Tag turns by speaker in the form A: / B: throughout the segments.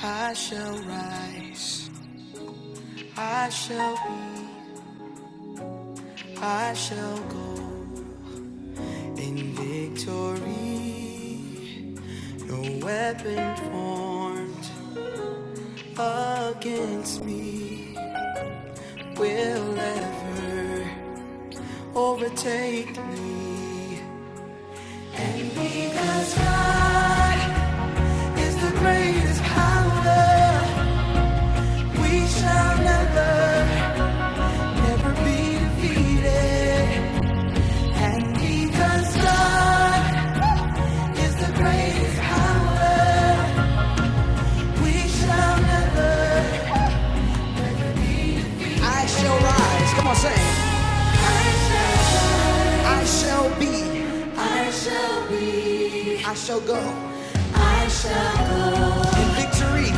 A: I shall rise, I shall be, I shall go in victory. No weapon formed against me will ever overtake me. And because God is the greatest power, we shall never, never be defeated. I shall rise. Come on, say. I shall be. I shall be. I shall go. I shall go. In victory.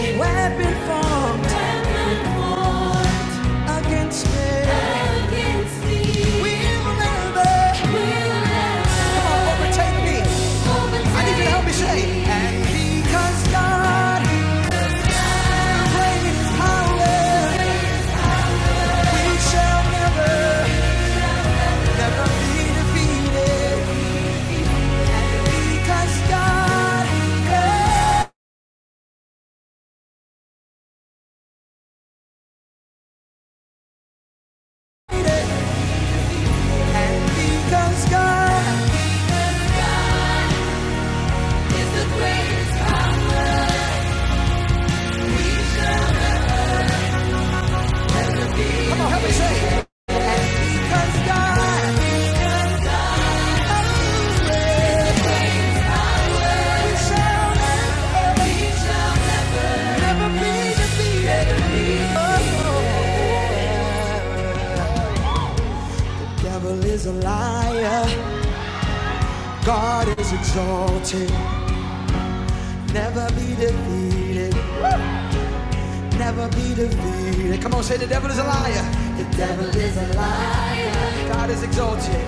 A: In Weapon formed. Weapon formed. Against me. Against me. Will never. we Will never. Come on, overtake me. overtake I need you to help me say, and because God Devil is a liar, God is exalted, never be defeated, never be defeated. Come on, say the devil is a liar. The devil is a liar. God is exalted.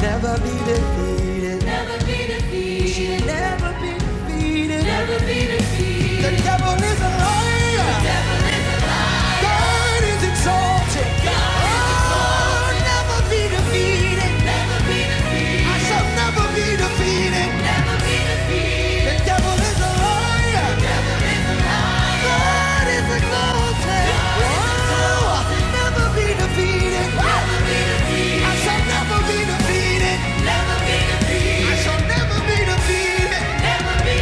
A: Never be defeated. You should never be defeated. The devil is a liar. God is exalted. Oh, never be defeated. I shall never be defeated. The devil is a liar. God is exalted. Oh, I'll never be defeated. I shall never be defeated. I shall never be defeated. Never be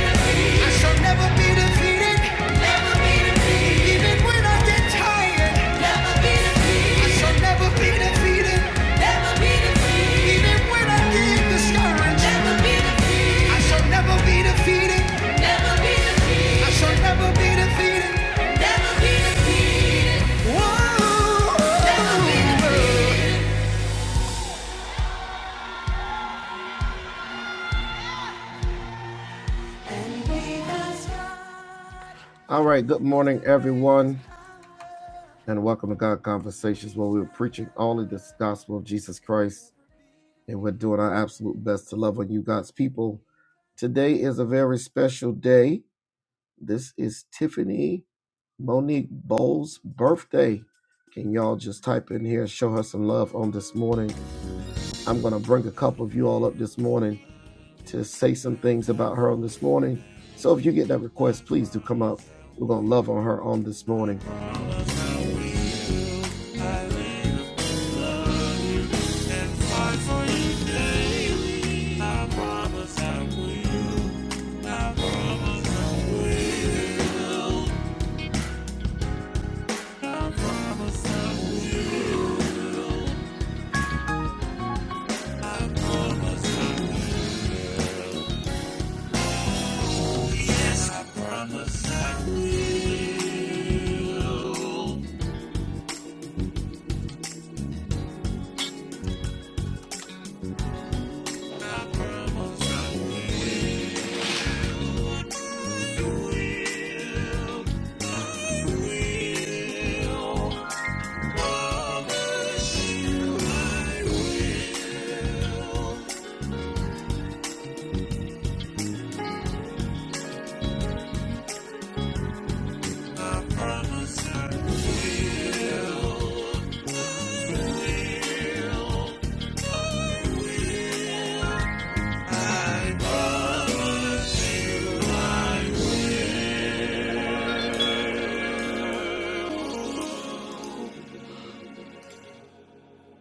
A: All right, good morning, everyone, and welcome to God Conversations, where we're preaching only this gospel of Jesus Christ and we're doing our absolute best to love on you, God's people. Today is a very special day. This is Tiffany Monique Bowles' birthday. Can y'all just type in here, show her some love on this morning? I'm going to bring a couple of you all up this morning to say some things about her on this morning. So if you get that request, please do come up. We're going to love on her on this morning.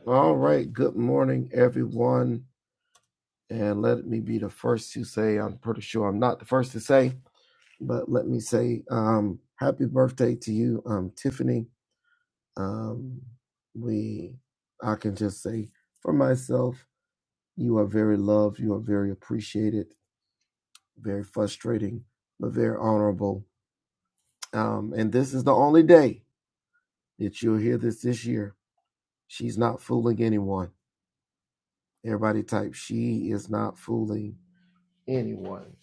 A: All right. Good morning, everyone. And let me be the first to say, I'm pretty sure I'm not the first to say, But let me say um, happy birthday to you, um, Tiffany. Um, we, I can just say for myself, you are very loved, you are very appreciated, very frustrating, but very honorable. Um, and this is the only day that you'll hear this this year. She's not fooling anyone. Everybody type, she is not fooling anyone.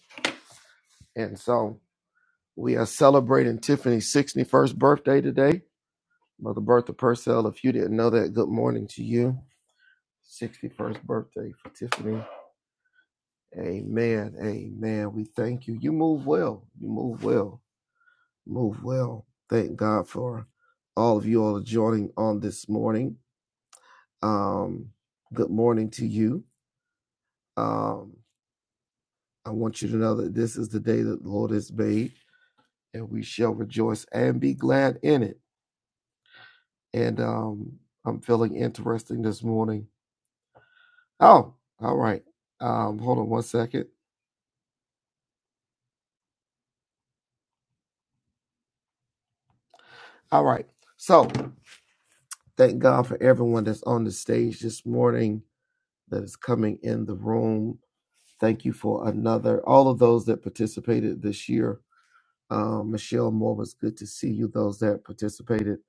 A: And so we are celebrating Tiffany's 61st birthday today Mother Bertha Purcell, if you didn't know that, good morning to you. 61st birthday for Tiffany. Amen. Amen. We thank you. You move well. You move well. Move well. Thank God for all of you all are joining on this morning. Um, good morning to you. Um, I want you to know that this is the day that the Lord has made, and we shall rejoice and be glad in it. And um, I'm feeling interesting this morning Oh, all right. Um, hold on one second. All right. So thank God for everyone that's on the stage this morning that is coming in the room. Thank you for another. All of those that participated this year. Um, Michelle Moore was good to see you. Those that participated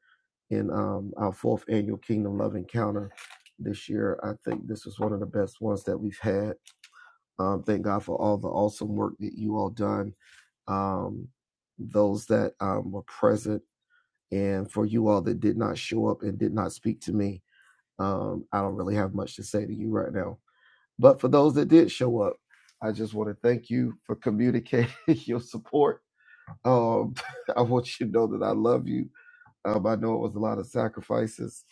A: in um, our fourth annual Kingdom Love Encounter this year, I think this was one of the best ones that we've had. Um, thank God for all the awesome work that you all done. Um, those that um, were present And for you all that did not show up and did not speak to me, um, I don't really have much to say to you right now. But for those that did show up, I just want to thank you for communicating your support. Um, I want you to know that I love you um, I know it was a lot of sacrifices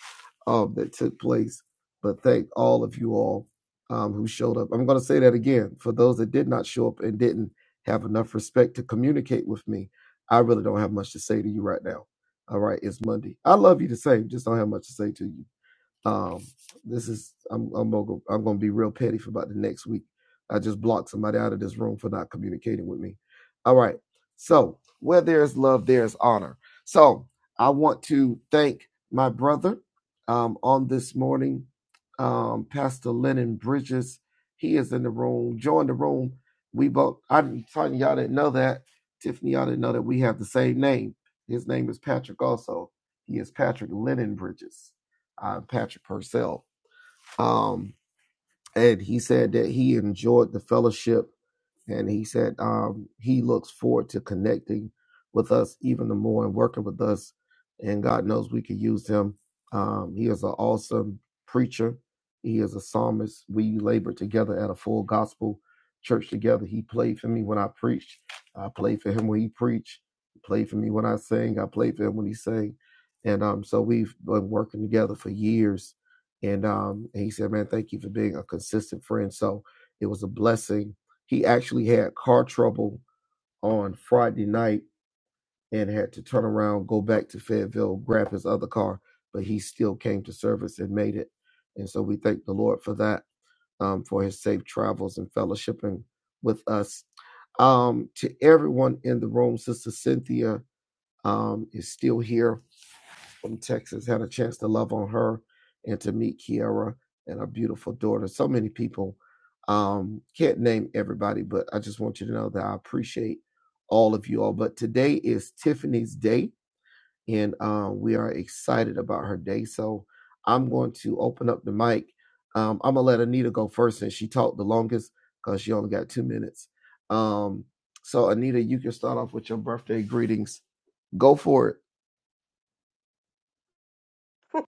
A: um, that took place, but thank all of you all um, who showed up. I'm going to say that again for those that did not show up and didn't have enough respect to communicate with me. I really don't have much to say to you right now. All right, it's Monday. I love you the same, just don't have much to say to you. Um, this is I'm I'm gonna I'm gonna be real petty for about the next week. I just blocked somebody out of this room for not communicating with me. All right. So where there is love, there is honor. So I want to thank my brother um, on this morning, um, Pastor Lennon Bridges. He is in the room. Join the room. We both. I'm telling you, y'all didn't know that. Tiffany, y'all didn't know that we have the same name. His name is Patrick. Also, he is Patrick Lennon Bridges uh, Patrick Purcell. Um, and he said that he enjoyed the fellowship and he said um, he looks forward to connecting with us even the more and working with us. And God knows we could use him. Um, he is an awesome preacher. He is a psalmist. We labored together at a full gospel church together. He played for me when I preached. I played for him when he preached. He played for me when I sang. I played for him when he sang. And um, so we've been working together for years. And um, and he said, "Man, thank you for being a consistent friend." So it was a blessing he actually had car trouble on Friday night and had to turn around, go back to Fayetteville, grab his other car, but he still came to service and made it. And so we thank the Lord for that, um, for his safe travels and fellowshipping with us. Um, to everyone in the room, Sister Cynthia um, is still here from Texas had a chance to love on her and to meet Kiara and her beautiful daughter. So many people. Um, can't name everybody, but I just want you to know that I appreciate all of you all. But today is Tiffany's day, and uh, we are excited about her day. So I'm going to open up the mic. Um, I'm gonna let Anita go first, since she talked the longest because she only got two minutes. Um, so Anita, you can start off with your birthday greetings. Go for it.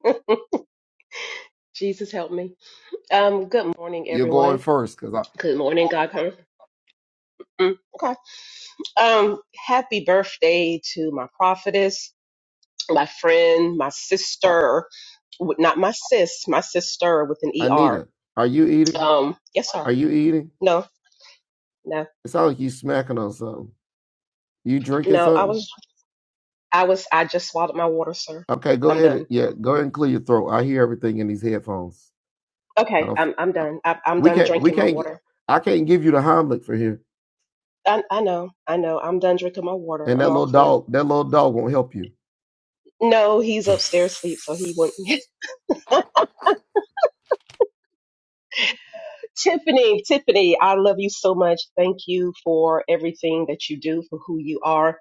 B: Jesus help me. Um, good morning,
A: You're going
B: everyone.
A: first because I.
B: Good morning, God. Come. Mm, okay. Um, happy birthday to my prophetess, my friend, my sister. w- Not my sis, my sister with an ER.
A: Anita, are you eating?
B: Um, yes, sir.
A: Are you eating?
B: No, no,
A: It sounds like you smacking on something. You drinking
B: no. I
A: something?
B: was, I was, I just swallowed my water, sir.
A: Okay, go
B: I'm
A: ahead. And,
B: done.
A: yeah, go ahead and clear your throat. I hear everything in these headphones. I
B: Okay,
A: don't. f-
B: I'm, I'm
A: I-
B: done. I, I'm
A: We
B: done
A: can't. We
B: drinking my
A: can't. g-
B: water.
A: I can't give you the Heimlich for here.
B: I, I know, I know. I'm done drinking my water.
A: And
B: I'm
A: that
B: all
A: little
B: clear.
A: dog. That little dog won't help you.
B: No, he's upstairs asleep, so he wouldn't. Tiffany, Tiffany, I love you so much. Thank you for everything that you do, for who you are.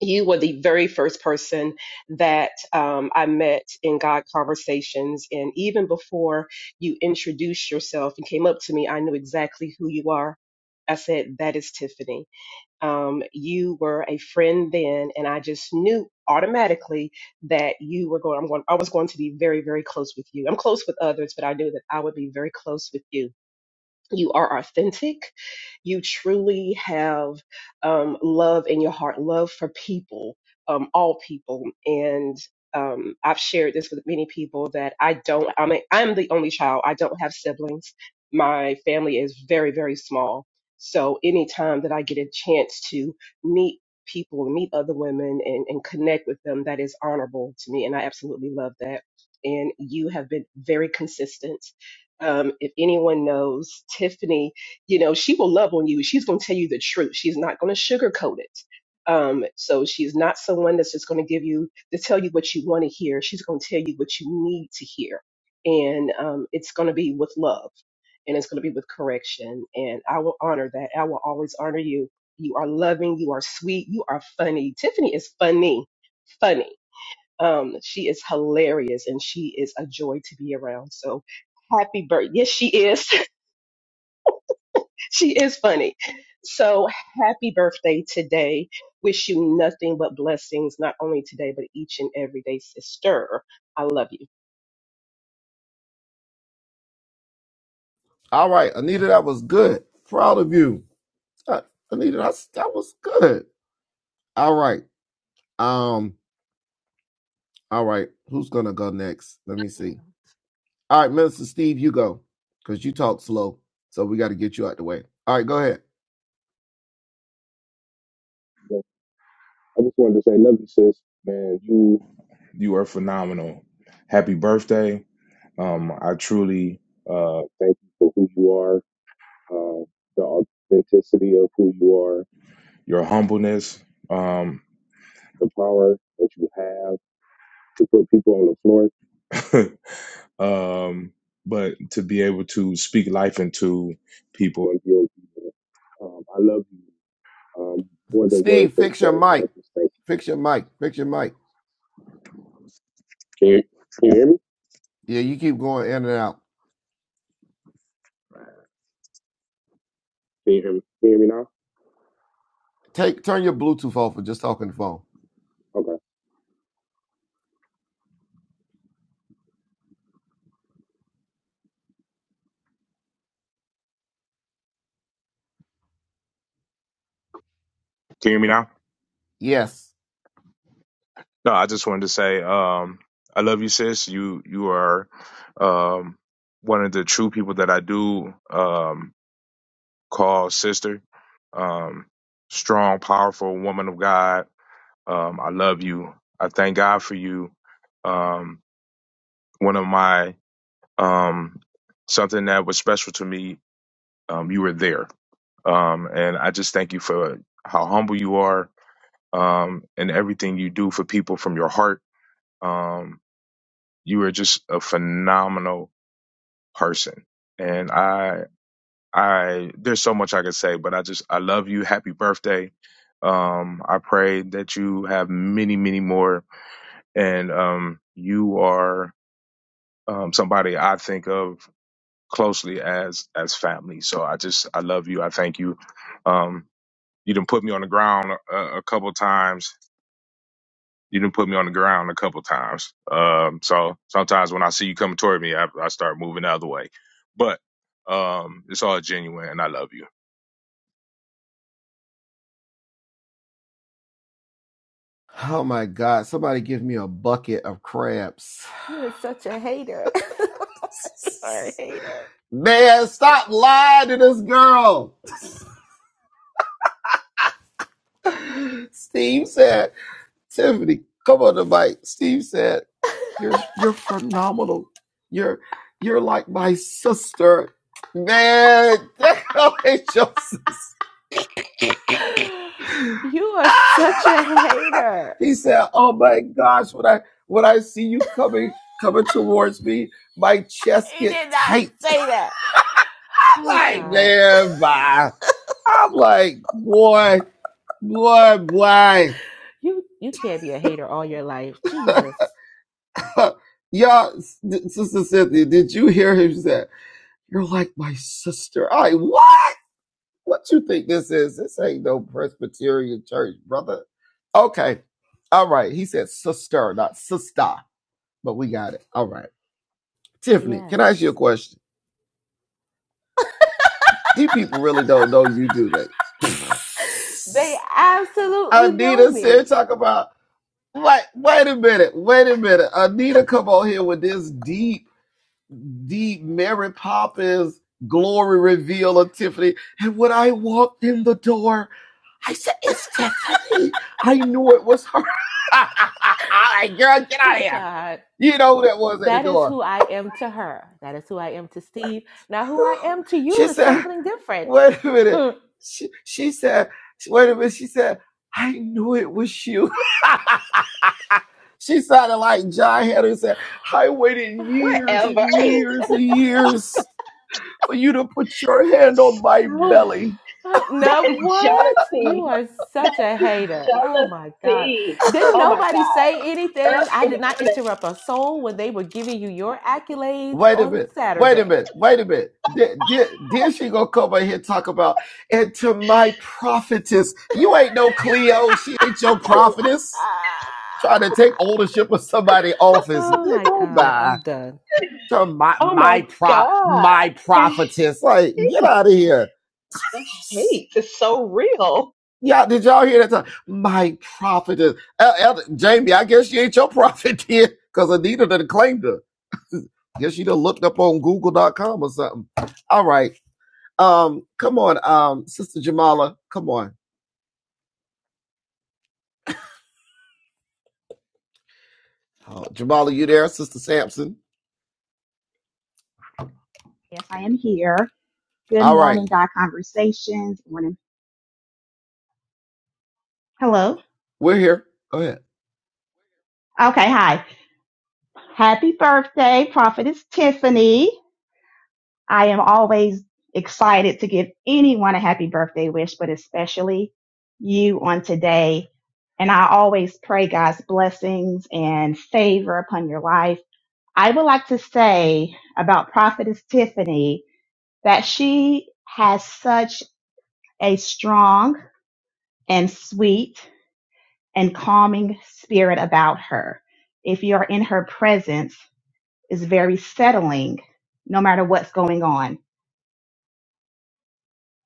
B: You were the very first person that um, I met in God Conversations. And even before you introduced yourself and came up to me, I knew exactly who you are. I said, That is Tiffany. Um, you were a friend then, and I just knew automatically that you were going, I'm going, I was going to be very, very close with you. I'm close with others, but I knew that I would be very close with you you are authentic you truly have um, love in your heart love for people um, all people and um, i've shared this with many people that i don't i'm mean, i i'm the only child i don't have siblings my family is very very small so anytime that i get a chance to meet people meet other women and, and connect with them that is honorable to me and i absolutely love that and you have been very consistent um, if anyone knows Tiffany, you know, she will love on you. She's going to tell you the truth. She's not going to sugarcoat it. Um, so she's not someone that's just going to give you to tell you what you want to hear. She's going to tell you what you need to hear. And um, it's going to be with love and it's going to be with correction. And I will honor that. I will always honor you. You are loving. You are sweet. You are funny. Tiffany is funny, funny um, she is hilarious and she is a joy to be around. So happy birthday. Yes, she is. she is funny. So happy birthday today. Wish you nothing but blessings, not only today, but each and every day, sister. I love you.
A: All right, Anita, that was good. Proud of you, Uh, Anita. That's, that was good. All right. Um. All right. Who's gonna go next? Let me see.
C: Morning,
A: All right, Minister Steve, you go because you talk slow. So we got to get you out the way. All right, go ahead.
D: I just wanted to say, love you, sis. Man, you you are phenomenal. Happy birthday. Um, I truly uh, thank you for who you are, uh, the authenticity of who you are, your humbleness, um, the power that you have to put people on the floor, um, but to be able to speak life into people and heal people. Um, I love you um, more than words
A: Steve,
D: can
A: fix
D: say,
A: your
D: and I
A: mic.
D: just thank you.
A: Fix your mic. Fix your mic.
D: Can you, can you hear me?
A: Yeah, you keep going in and out.
D: Can you hear me? Can you hear me now?
A: Take turn your Bluetooth off for just talking the phone.
D: Okay. Can you hear me now?
A: Yes.
D: No, I just wanted to say, um, I love you, sis. You you are um, one of the true people that I do um, call sister. Um, strong, powerful woman of God. Um, I love you. I thank God for you. Um, one of my um, something that was special to me. Um, you were there, um, and I just thank you for how humble you are um, and everything you do for people from your heart. Um, You are just a phenomenal person. And I, I, there's so much I could say, but I just, I love you. Happy birthday. Um, I pray that you have many, many more. And, um, you are, um, somebody I think of closely as, as family. So I just, I love you. I thank you. Um, you done put me on the ground a, a couple times you done put me on the ground a couple times. Um, so sometimes when I see you coming toward me, I, I start moving the other way. But um, it's all genuine, and I love you.
A: Oh my God. Somebody give me a bucket of crabs.
E: You are such a hater. you are a hater.
A: Man, stop lying to this girl. Steve said. Tiffany, come on the mic. Steve said, You're you're phenomenal. You're you're like my sister. Man, that girl ain't your sister.
E: You are such a hater.
A: he said, Oh my gosh, when I when I see you coming coming towards me, my chest
E: He
A: get
E: did not
A: tight.
E: say that.
A: I'm
E: Oh
A: like,
E: God.
A: man, bye. I'm like, boy, boy, boy.
E: You you can't be a hater all your life. Jesus.
A: Y'all, Sister Cynthia, did you hear him say? You're like my sister. I what? What you think this is? This ain't no Presbyterian church, brother. Okay. All right. He said sister, not sister, but we got it. All right. Tiffany, can
E: Yes.
A: I ask you a question? These people really don't know you, do they?
E: They absolutely know
A: Anita said,
E: me.
A: talk about wait, wait a minute, wait a minute. Anita come on here with this deep. the Mary Poppins glory reveal of Tiffany. And when I walked in the door, I said, It's Tiffany. I knew it was her. I like, girl, get out of
E: Oh
A: here.
E: God.
A: You know who that was at the
E: That is
A: door.
E: who I am to her. That is who I am to Steve. Now who I am to you
A: She
E: is
A: said,
E: something different.
A: Wait a minute. She, she said, Wait a minute. She said, I knew it was you. she sounded like John Henry said, I waited years
B: Whatever.
A: and years and years for you to put your hand on my
B: so
A: belly.
E: Oh,
B: that
E: no,
B: is
E: what? You
B: jealousy.
E: are
B: That
E: such a hater. Oh my God.
B: jealousy.
E: Didn't
B: Oh my
E: nobody
B: God.
E: say anything?
B: Early
E: I
B: in
E: did
B: the
E: not
B: morning.
E: interrupt a soul when they were giving you your accolades
A: Wait a
E: on
A: minute. Wait a
E: Saturday.
A: minute. Wait a minute. Then, then, then she gonna come over here and talk about and to my prophetess. You ain't no Cleo. She ain't your prophetess. Trying to take ownership of somebody's office.
E: oh my
A: Nigga,
E: God. I'm
A: bye.
E: done.
A: To my
B: Oh
A: my
B: my
A: prop
B: God.
A: my
B: The
A: prophetess. Like, get
B: hate.
A: out of here.
B: Hate is so real.
A: Yeah, did y'all hear that? Time? My prophetess. El- Elder- Jamie, I guess she ain't your prophet then, because Anita done claimed her. Guess you'd have looked up on Google.com or something. All right. Um, come on, um, Sister Jamala. Come on. Oh, Jamala, you there? Sister Sampson.
F: Yes, I am here. Good
A: All right.
F: morning, God Conversations. Morning. Hello.
A: We're here. Go ahead.
F: Okay, hi. Happy birthday, Prophetess Tiffany. I am always excited to give anyone a happy birthday wish, but especially you on today. And I always pray God's blessings and favor upon your life. I would like to say about Prophetess Tiffany that she has such a strong and sweet and calming spirit about her. If you're in her presence, it's very settling no matter what's going on.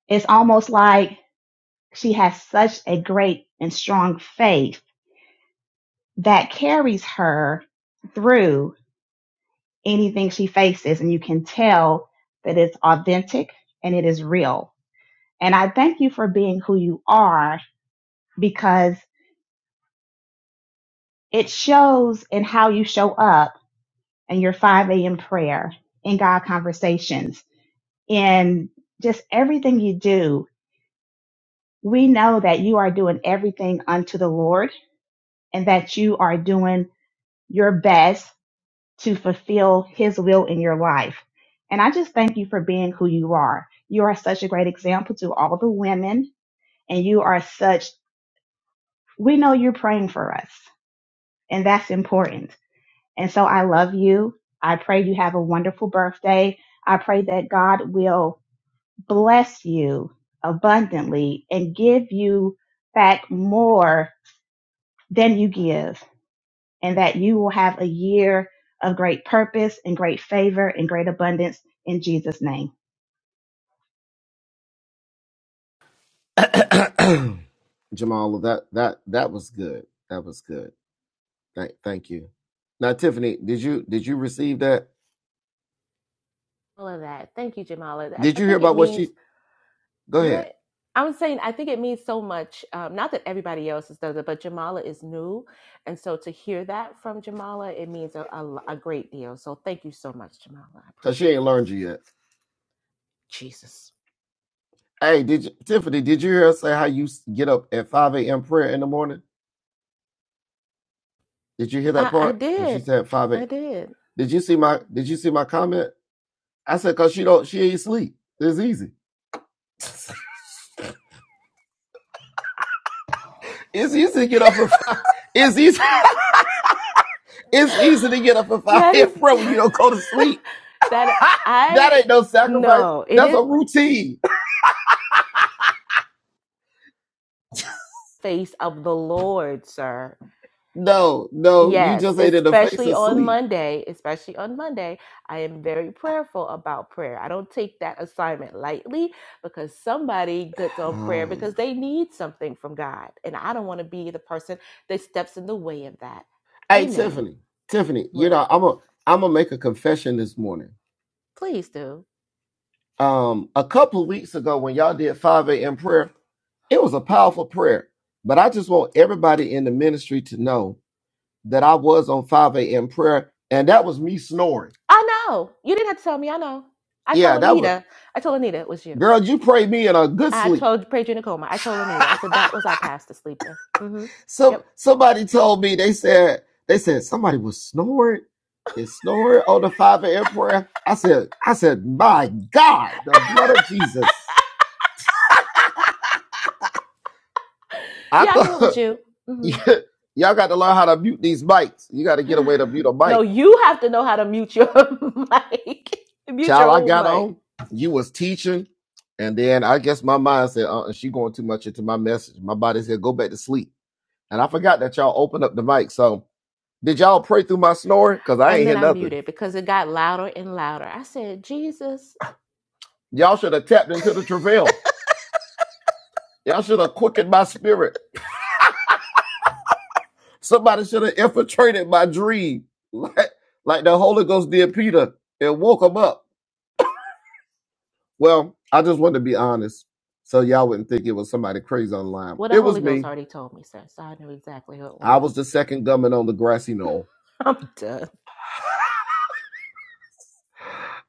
F: It's almost like she has such a great and strong faith that carries her through anything she faces. And you can tell that it's authentic and it is real. And I thank you for being who you are because it shows in how you show up in your 5 a.m. prayer, in God conversations in just everything you do, we know that you are doing everything unto the Lord and that you are doing your best to fulfill His will in your life. And I just thank you for being who you are. You are such a great example to all the women, and you are such, we know you're praying for us, and that's important. And so I love you. I pray you have a wonderful birthday. I pray that God will bless you abundantly and give you back more than you give, and that you will have a year of great purpose and great favor and great abundance in Jesus' name.
A: Jamala, that that that was good. That was good. Thank thank you. Now, Tiffany, did you did you receive that?
E: All of that. Thank you, Jamala. I,
A: Did
E: I
A: you hear
E: think it
A: about what
E: means
A: she go ahead?
E: What I'm saying, I think it means so much. Um, not that everybody else is does it, but Jamala is new, and so to hear that from Jamala, it means a, a l- a great deal. So thank you so much, Jamala. I
A: Cause she
E: appreciate
A: ain't
E: it.
A: learned you yet.
E: Jesus,
A: Hey, did you Tiffany, did you hear her say how you get up at 5 a.m. prayer in the morning? Did you hear that
E: I, I
A: part? When she
E: did,
A: said 5 a.m.
E: I did.
A: Did you see my Did you see my comment? I said, "Cause she don't, she ain't sleep. It's easy. It's easy to get up for five. It's easy. it's easy to get up for five
E: that
A: a.m. prayer
E: is
A: when you don't go to sleep.
E: that
A: that
E: I
A: ain't no sacrifice.
E: no, it
A: That's
E: is
A: a routine.
E: the face of the Lord, sir.
A: no, no, you
E: Yes,
A: just ain't in the face
E: especially
A: of
E: on
A: sleep.
E: Monday, especially on Monday, I am very prayerful about prayer. I don't take that assignment lightly because somebody gets on prayer
A: Oh.
E: because they need something from God. And I don't want to be the person that steps in the way of that.
A: Hey,
E: Amen.
A: Tiffany, Tiffany, you
E: What?
A: know I'm a I'm gonna make a confession this morning.
E: Please do.
A: Um, a couple of weeks ago when y'all did five a.m. prayer, it was a powerful prayer. But I just want everybody in the ministry to know that I was on 5 a.m. prayer, and that was me snoring.
E: I know. You didn't have to tell me. I know. I told
A: Yeah, that was
E: Anita. I told Anita it was you.
A: girl, you prayed me in a good
E: I
A: sleep.
E: told prayed you in a coma. I told Anita. I said that was our past to sleep in. Mm-hmm.
A: Some
E: Yep.
A: somebody told me they said they said somebody was snoring and snoring on the 5 a.m. prayer. I said, I said, my God, the blood of Jesus. I
E: Yeah, I knew it was
A: thought
E: you. Mhm.
A: y'all got to learn how to mute these mics. You got to get away to mute a
E: no,
A: mic
E: you have to know how to mute your mic, mute your
A: child, I
E: own
A: got
E: mic.
A: on. You was teaching, and then I guess my mind said, "Uh, she going too much into my message." My body said, "Go back to sleep." And I forgot that y'all opened up the mic. So did y'all pray through my snoring? Cause I
E: And
A: ain't hear
E: then I
A: nothing.
E: muted because it got louder and louder. I said, Jesus.
A: Y'all should have tapped into the travail. Y'all should have quickened my spirit. Somebody should have infiltrated my dream, like like the Holy Ghost did Peter and woke him up. Well, I just wanted to be honest, so y'all wouldn't think it was somebody crazy online.
E: Well, the
A: It was
E: Holy Ghost
A: me.
E: already told me, sir." so I knew exactly who it
A: I was
E: was.
A: the second gunman on the grassy knoll.
E: I'm done.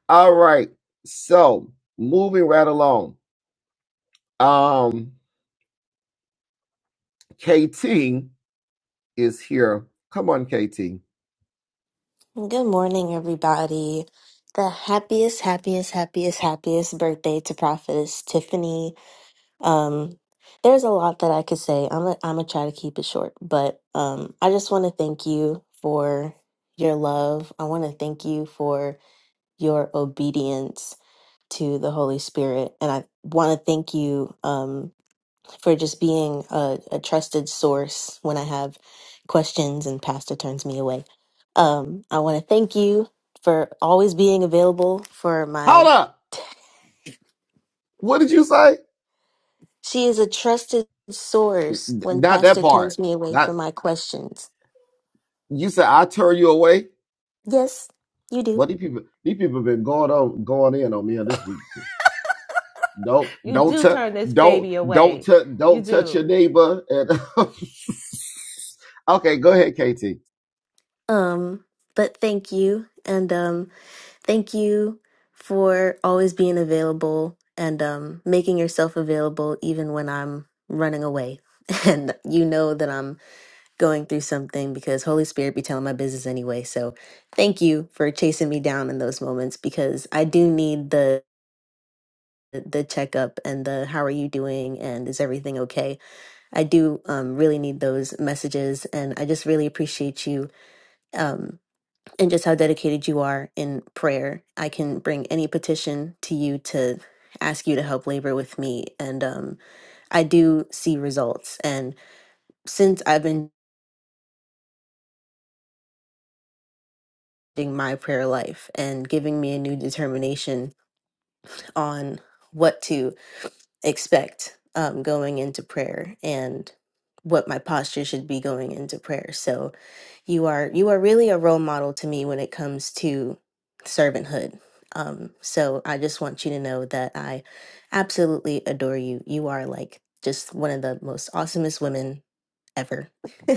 A: All right. So moving right along. Um, KT is here. Come on, KT.
G: Good morning, everybody. The happiest, happiest, happiest, happiest birthday to Prophetess Tiffany. Um, there's a lot that I could say. I'm i I'm gonna try to keep it short, but um, I just want to thank you for your love. I want to thank you for your obedience to the Holy Spirit, and I want to thank you. Um, for just being a, a trusted source when I have questions and Pastor turns me away. Um, I want to thank you for always being available for
A: Hold
G: my.
A: up. What did you say?
G: She is a trusted
A: N-
G: source when
A: Not that
G: Pastor turns
A: part.
G: me away for
A: Not
G: my questions.
A: you said I turn you away.
G: Yes, you do.
A: But these people, these people have been going on, going in on me on this week. Don't,
E: You
A: don't,
E: do
A: touch,
E: turn this
A: don't,
E: baby
A: don't,
E: away.
A: touch,
E: You
A: don't touch your
E: do.
A: neighbor. And okay, go ahead, KT.
G: Um, but thank you, and um, thank you for always being available and um, making yourself available even when I'm running away. And you know that I'm going through something because Holy Spirit be telling my business anyway. So thank you for chasing me down in those moments because I do need the the checkup and the how are you doing and is everything okay. I do um, really need those messages and I just really appreciate you um, and just how dedicated you are in prayer. I can bring any petition to you to ask you to help labor with me and um, I do see results and since I've been in my prayer life and giving me a new determination on what to expect um, going into prayer and what my posture should be going into prayer. So you are you are really a role model to me when it comes to servanthood. Um, so I just want you to know that I absolutely adore you. You are like just one of the most awesomest women ever.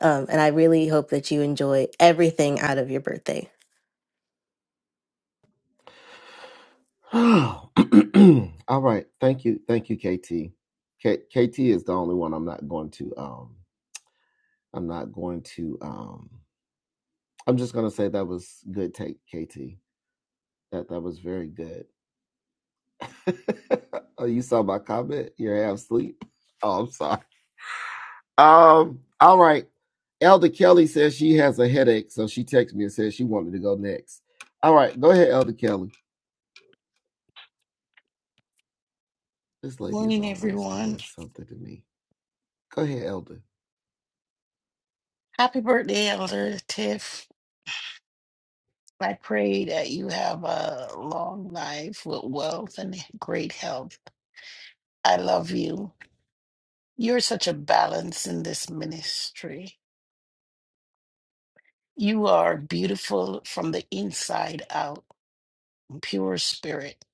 G: um, and I really hope that you enjoy everything out of your birthday.
A: All right. Thank you. Thank you, KT. KT is the only one I'm not going to um I'm not going to um I'm just gonna say that was good take, KT. That that was very good. oh, you saw my comment? You're half asleep. Oh, I'm sorry. Um, all right. Elder Kelly says she has a headache, so she texted me and said she wanted to go next. All right, go ahead, Elder Kelly. This lady is always
C: everyone.
A: doing something to me. Go ahead, Elder.
C: Happy birthday, Elder Tiff. I pray that you have a long life with wealth and great health. I love you. You're such a balance in this ministry. You are beautiful from the inside out, pure spirit,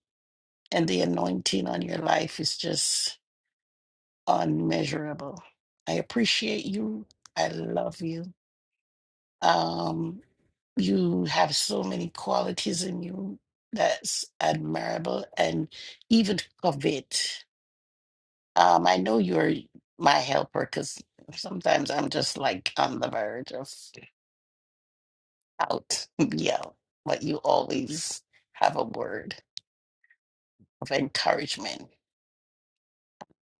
C: and the anointing on your life is just unmeasurable. I appreciate you. I love you. Um, you have so many qualities in you that's admirable and even covet. Um, I know you're my helper because sometimes I'm just like on the verge of out. yeah, but you always have a word of encouragement.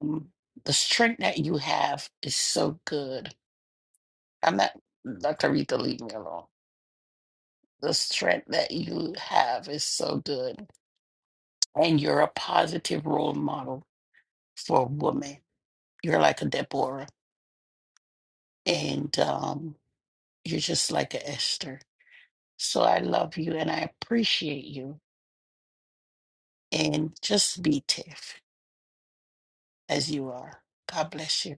C: Mm, The strength that you have is so good. I'm not, Dr. Rita, leave me alone. The strength that you have is so good, and you're a positive role model for a woman. You're like a Deborah, and um, you're just like a Esther. So I love you and I appreciate you. And just be tough as you are. God bless you.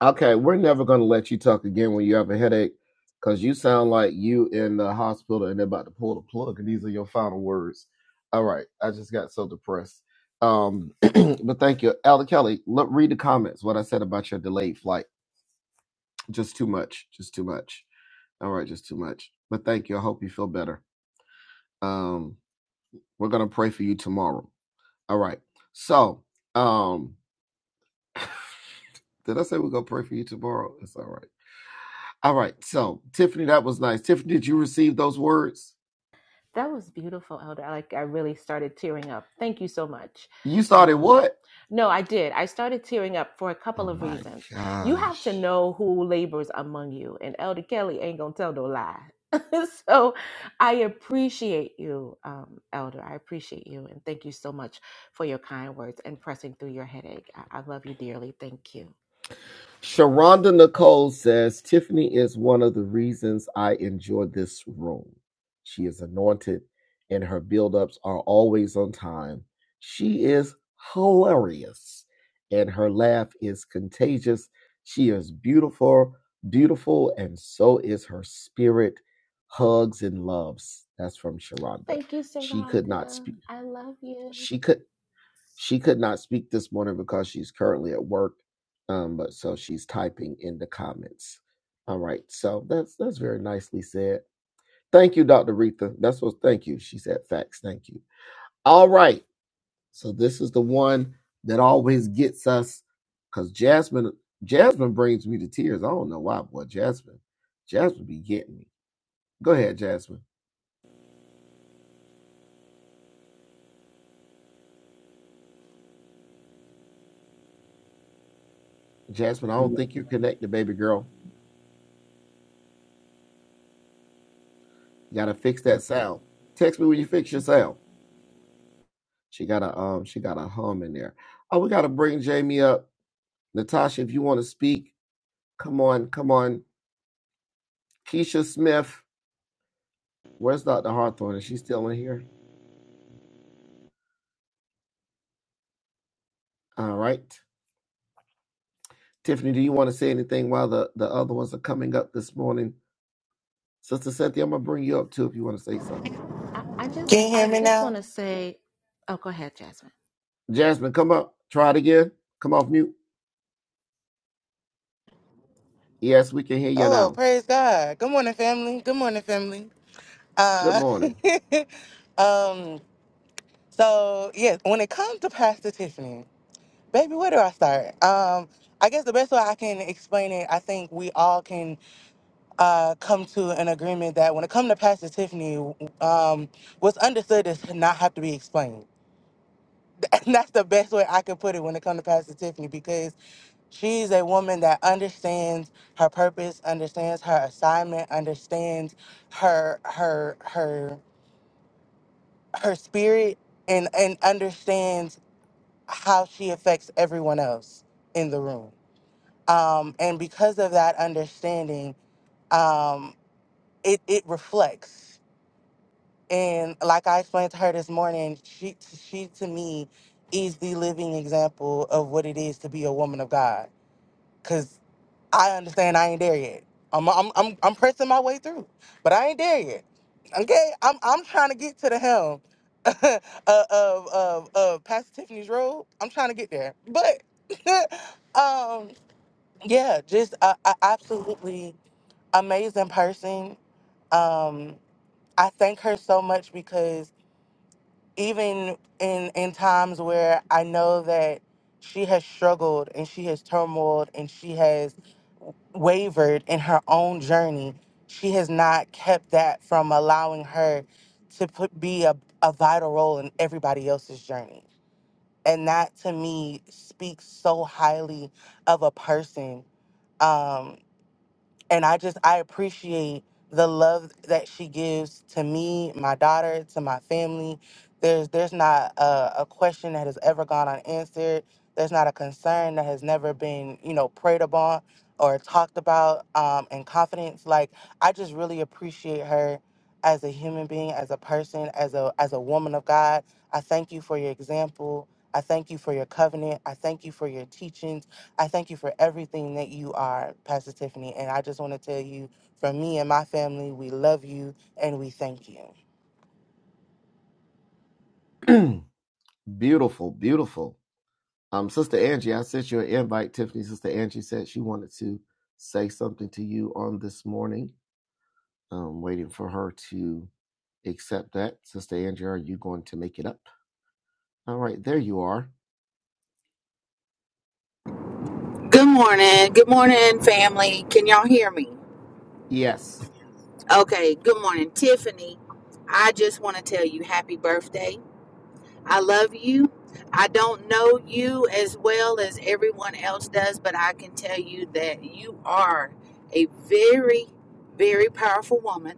A: Okay, we're never gonna let you talk again when you have a headache, cause you sound like you in the hospital and they're about to pull the plug, and these are your final words. All right, I just got so depressed. Um, but thank you, Elder Kelly. Look, read the comments. What I said about your delayed flight, just too much, just too much. All right, just too much. But thank you. I hope you feel better. Um, we're gonna pray for you tomorrow. All right. So, um, did I say we're gonna pray for you tomorrow? It's all right. All right. So, Tiffany, that was nice. Tiffany, did you receive those words?
E: That was beautiful, Elder. I, Like I really started tearing up. Thank you so much.
A: You started
E: Um,
A: what?
E: No, I did. I started tearing up for a couple
A: Oh
E: of
A: my
E: reasons. You have to
A: gosh.
E: know who labors among you, and Elder Kelly ain't gonna tell no lie. so I appreciate you, um, Elder. I appreciate you, and thank you so much for your kind words and pressing through your headache. I, I love you dearly. Thank you.
A: Sharonda Nicole says Tiffany is one of the reasons I enjoy this room. She is anointed and her buildups are always on time. She is hilarious and her laugh is contagious. She is beautiful, beautiful, and so is her spirit. Hugs and loves. That's from Sharonda.
E: Thank you,
A: She could not
E: Saranda.
A: speak.
E: I love you.
A: She could. She could not speak this morning because she's currently at work, um, but so she's typing in the comments. All right, so that's that's very nicely said. Thank you, Dr. Retha. That's what thank you. She said facts. Thank you. All right, so this is the one that always gets us because Jasmine Jasmine brings me to tears. I don't know why, boy. Jasmine, Jasmine be getting me. Go ahead, Jasmine. Jasmine, I don't think you're connected, baby girl. You gotta fix that sound. Text me when you fix your sound. She got a um, she got a hum in there. Oh, we gotta bring Jamie up. Natasha, if you want to speak, come on, come on. Keisha Smith, where's Dr. Hawthorne? Is she still in here? All right. Tiffany, do you want to say anything while the, the other ones are coming up this morning? Sister Cynthia, I'm gonna bring you up too if you want to say something.
E: I, I
H: Can
E: just,
H: you
E: I
H: hear me
E: just want
H: now?
E: to say, oh, go ahead, Jasmine.
A: Jasmine, come up. Try it again. Come off mute. Yes, we can hear you
H: Oh,
A: now.
H: praise God. Good morning, family. Good morning, family.
A: Good
H: Uh,
A: morning.
H: um, so, yes, when it comes to Pastor Tiffany, baby, where do I start? Um, I guess the best way I can explain it, I think we all can uh, come to an agreement that when it comes to Pastor Tiffany, um, what's understood does not have to be explained. that's the best way I can put it when it comes to Pastor Tiffany because She's a woman that understands her purpose, understands her assignment, understands her her her her spirit and and understands how she affects everyone else in the room. Um, and because of that understanding, um, it, it reflects. And like I explained to her this morning, she she to me is the living example of what it is to be a woman of God. because. I understand I ain't there yet. I'm I'm I'm I'm pressing my way through, but I ain't there yet. Okay, I'm I'm trying to get to the helm of of of, of Pastor Tiffany's road. I'm trying to get there, but um, yeah, just a, a absolutely amazing person. Um, I thank her so much because even in in times where I know that she has struggled and she has turmoiled and she has wavered in her own journey, she has not kept that from allowing her to put, be a, a vital role in everybody else's journey. And that to me speaks so highly of a person. Um, and I just I appreciate the love that she gives to me, my daughter, to my family. There's there's not a, a question that has ever gone unanswered. There's not a concern that has never been you know preyed upon or talked about um, in confidence. Like I just really appreciate her as a human being, as a person, as a as a woman of God. I thank you for your example. I thank you for your covenant. I thank you for your teachings. I thank you for everything that you are, Pastor Tiffany. And I just want to tell you, from me and my family, we love you and we thank you.
A: beautiful, beautiful. Um, Sister Angie, I sent you an invite. Tiffany, Sister Angie said she wanted to say something to you on this morning. I'm waiting for her to accept that. Sister Angie, are you going to make it up? All right, there you are.
I: Good morning. Good morning, family. Can y'all hear me?
A: Yes.
I: Okay, good morning, Tiffany. I just want to tell you happy birthday. I love you. I don't know you as well as everyone else does, but I can tell you that you are a very, very powerful woman.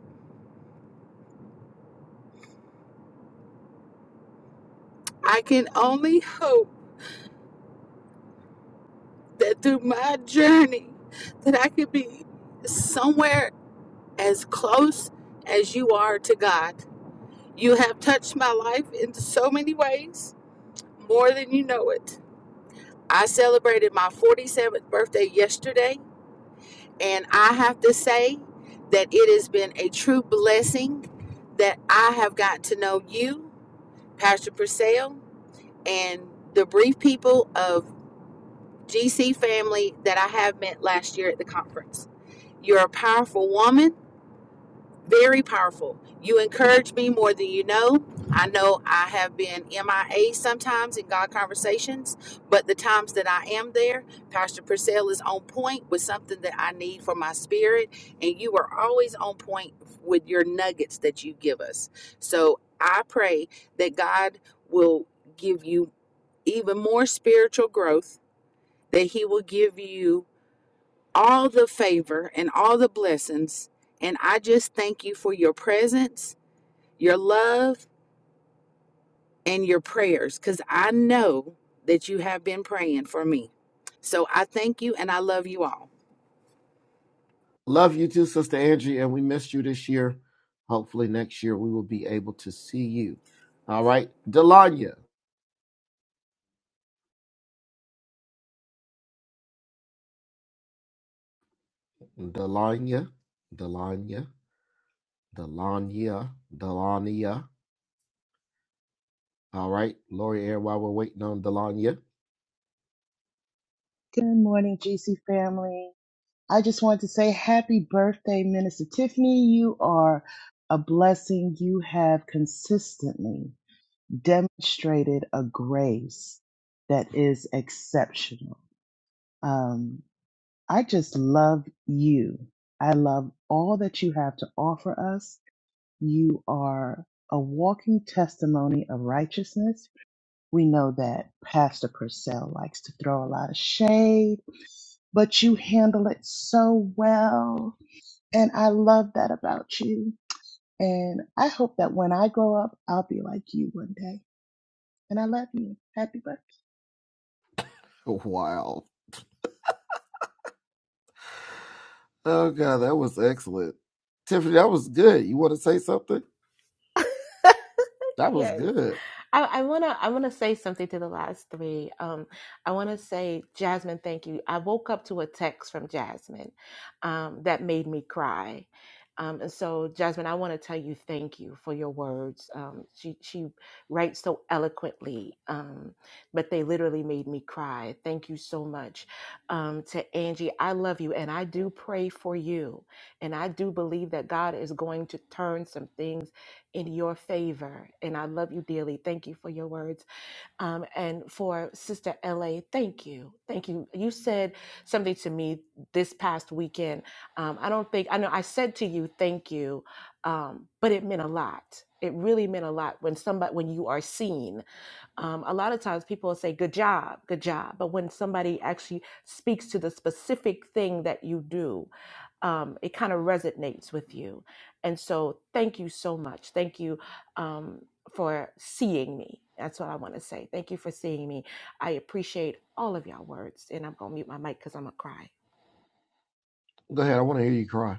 I: I can only hope that through my journey that I could be somewhere as close as you are to God. You have touched my life in so many ways, more than you know it. I celebrated my 47th birthday yesterday, and I have to say that it has been a true blessing that I have got to know you, Pastor Purcell, and the brief people of GC family that I have met last year at the conference. You're a powerful woman Very powerful. You encourage me more than you know. I know I have been MIA sometimes in God conversations, but the times that I am there, Pastor Purcell is on point with something that I need for my spirit, and you are always on point with your nuggets that you give us. So I pray that God will give you even more spiritual growth, that He will give you all the favor and all the blessings. And I just thank you for your presence, your love, and your prayers because I know that you have been praying for me. So I thank you and I love you all.
A: Love you too, Sister Angie, and we missed you this year. Hopefully, next year we will be able to see you. All right, Delania, Delania, Delania, Delania, Delania. All right, Lori Air, while we're waiting on Delania.
J: Good morning, GC family. I just want to say happy birthday, Minister Tiffany. You are a blessing. You have consistently demonstrated a grace that is exceptional. Um, I just love you. I love all that you have to offer us. You are a walking testimony of righteousness. We know that Pastor Purcell likes to throw a lot of shade but you handle it so well. And I love that about you. And I hope that when I grow up, I'll be like you one day. And I love you. Happy birthday.
A: Wow. Oh god, that was excellent. Tiffany, that was good. You want to say something? That was
E: Yes.
A: good.
E: I, I wanna I wanna say something to the last three. Um, I wanna say, Jasmine, thank you. I woke up to a text from Jasmine um, that made me cry. Um, and so, Jasmine, I want to tell you thank you for your words. Um, she she writes so eloquently, um, but they literally made me cry. Thank you so much um, to Angie. I love you, and I do pray for you, and I do believe that God is going to turn some things in your favor. And I love you dearly. Thank you for your words. Um, and for Sister LA, thank you. Thank you. You said something to me this past weekend. Um, I don't think, I know I said to you, thank you, um, but it meant a lot. It really meant a lot when somebody, when you are seen um, a lot of times people will say good job good job but when somebody actually speaks to the specific thing that you do um, it kind of resonates with you and so thank you so much thank you um, for seeing me that's what i want to say thank you for seeing me i appreciate all of y'all words and i'm gonna mute my mic because i'm gonna cry
A: Go ahead. I want to hear you cry.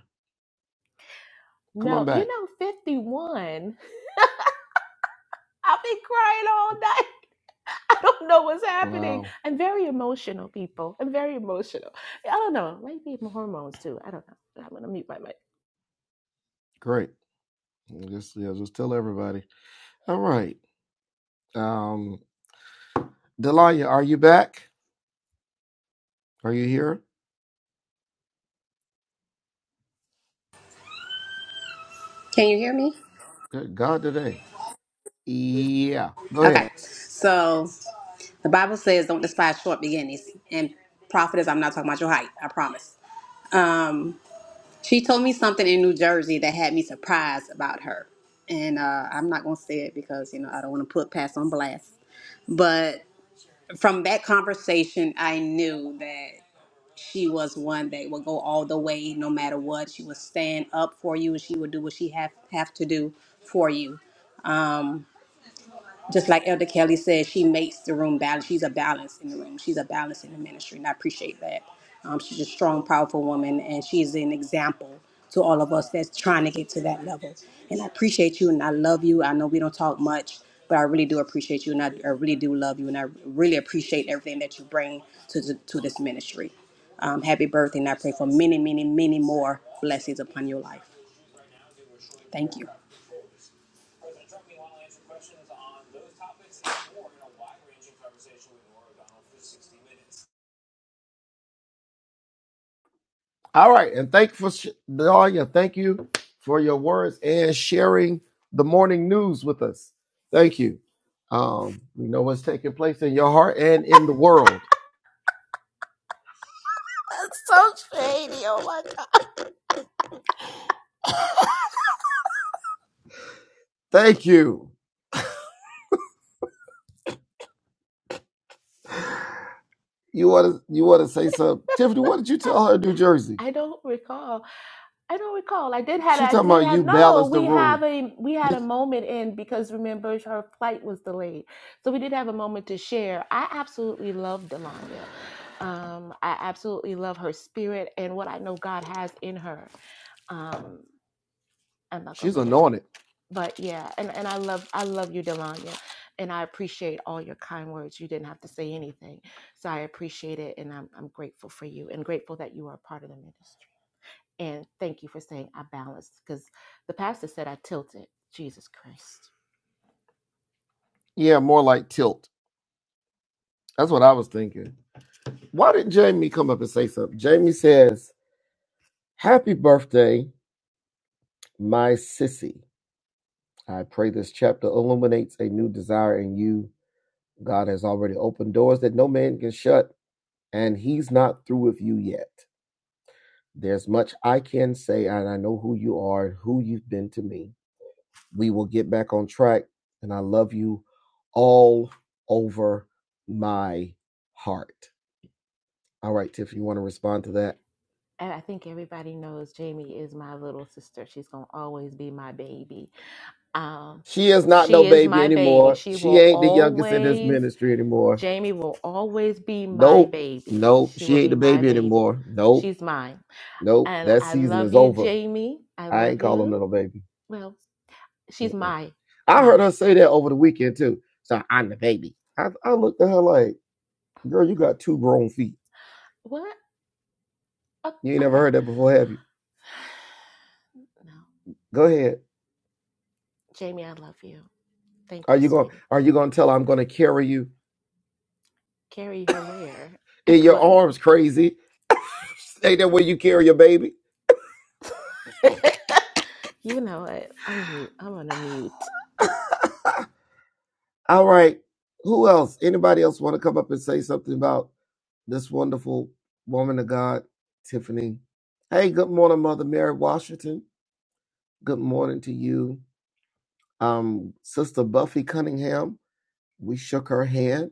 A: Come on
E: no you
A: back.
E: know 51 i'll be crying all night I don't know what's happening.
A: Wow.
E: I'm very emotional, people. I'm very emotional. I don't know. Maybe my hormones too. I don't know. I'm gonna mute my mic.
A: Great. Just yeah, just tell everybody. All right. Um Delanya, are you back? Are you here?
K: Can you hear me?
A: Good God today. Yeah. Go
K: Okay.
A: ahead.
K: So the Bible says, "Don't despise short beginnings." And prophetess, I'm not talking about your height. I promise. Um, she told me something in New Jersey that had me surprised about her, and uh, I'm not gonna say it because you know I don't want to put past on blast. But from that conversation, I knew that she was one that would go all the way, no matter what. She would stand up for you, and she would do what she have have to do for you. just like Elder Kelly said, she makes the room balance. She's a balance in the room. She's a balance in the ministry, and I appreciate that. Um, she's a strong, powerful woman, and she is an example to all of us that's trying to get to that level. And I appreciate you, and I love you. I know we don't talk much, but I really do appreciate you, and I, I really do love you, and I really appreciate everything that you bring to the, to this ministry. Um, happy birthday, and I pray for many, many, many more blessings upon your life. Thank you.
A: All right. And thank for sh- Delanya, thank you for your words and sharing the morning news with us. Thank you. Um, we know what's taking place in your heart and in the world.
E: That's so shady. Oh my god.
A: Thank you. You want to you want to say something, Tiffany? What did you tell her in New Jersey?
E: I don't recall. I don't recall. I did had
A: She
E: I
A: talking
E: did
A: about
E: have
A: you
E: no.
A: balance the
E: We have
A: room.
E: a we had
A: Did-
E: a moment in because remember her flight was delayed, so we did have a moment to share. I absolutely love Delanya. Um, I absolutely love her spirit and what I know God has in her. Um, I'm not gonna
A: She's
E: go there,
A: anointed.
E: but yeah, and and I love I love you, Delanya, and I appreciate all your kind words. You didn't have to say anything, so I appreciate it, and I'm I'm grateful for you and grateful that you are a part of the ministry. And thank you for saying I balanced because the pastor said I tilted. Jesus Christ.
A: Yeah, more like tilt. That's what I was thinking. Why did Jamie come up and say something? Jamie says, "Happy birthday, my sissy. I pray this chapter illuminates a new desire in you. God has already opened doors that no man can shut, and He's not through with you yet. There's much I can say, and I know who you are, and who you've been to me." we will get back on track. And I love you all over my heart. All right, Tiff, you want to respond to that?
E: And I think everybody knows Jamie is my little sister. She's going to always be my baby. Um,
A: She is not no
E: she is
A: baby
E: my baby.
A: anymore.
E: She
A: She
E: will
A: ain't the youngest in this
E: always,
A: ministry anymore.
E: Jamie will always be my
A: Nope.
E: baby.
A: Nope.
E: She will
A: She ain't
E: be
A: the
E: my
A: baby
E: baby.
A: anymore. Nope.
E: She's mine.
A: Nope.
E: And
A: That
E: I
A: season
E: love
A: is
E: you,
A: over.
E: Jamie. I
A: I ain't
E: love
A: calling her
E: you.
A: no baby.
E: Well, she's
A: Mm-mm.
E: my,
A: I
E: my.
A: heard her say that over the weekend too. So I'm the baby. I, I looked at her like, girl, you got two grown feet.
E: What? Oh,
A: You ain't never
E: okay.
A: heard that before, have you?
E: No.
A: Go ahead.
E: Jamie, I love you. Thank
A: Are
E: you,
A: you going?
E: sweetie.
A: Are you going to tell her I'm going to carry you
E: Carry her where?
A: in
E: Like
A: your
E: what?
A: arms? Crazy. Ain't that where you carry your baby?
E: you know what? I'm mute. I'm on a mute.
A: All right. Who else? Anybody else want to come up and say something about this wonderful woman of God, Tiffany? Hey, good morning, Mother Mary Washington. Good morning to you, um, Sister Buffy Cunningham. We shook her hand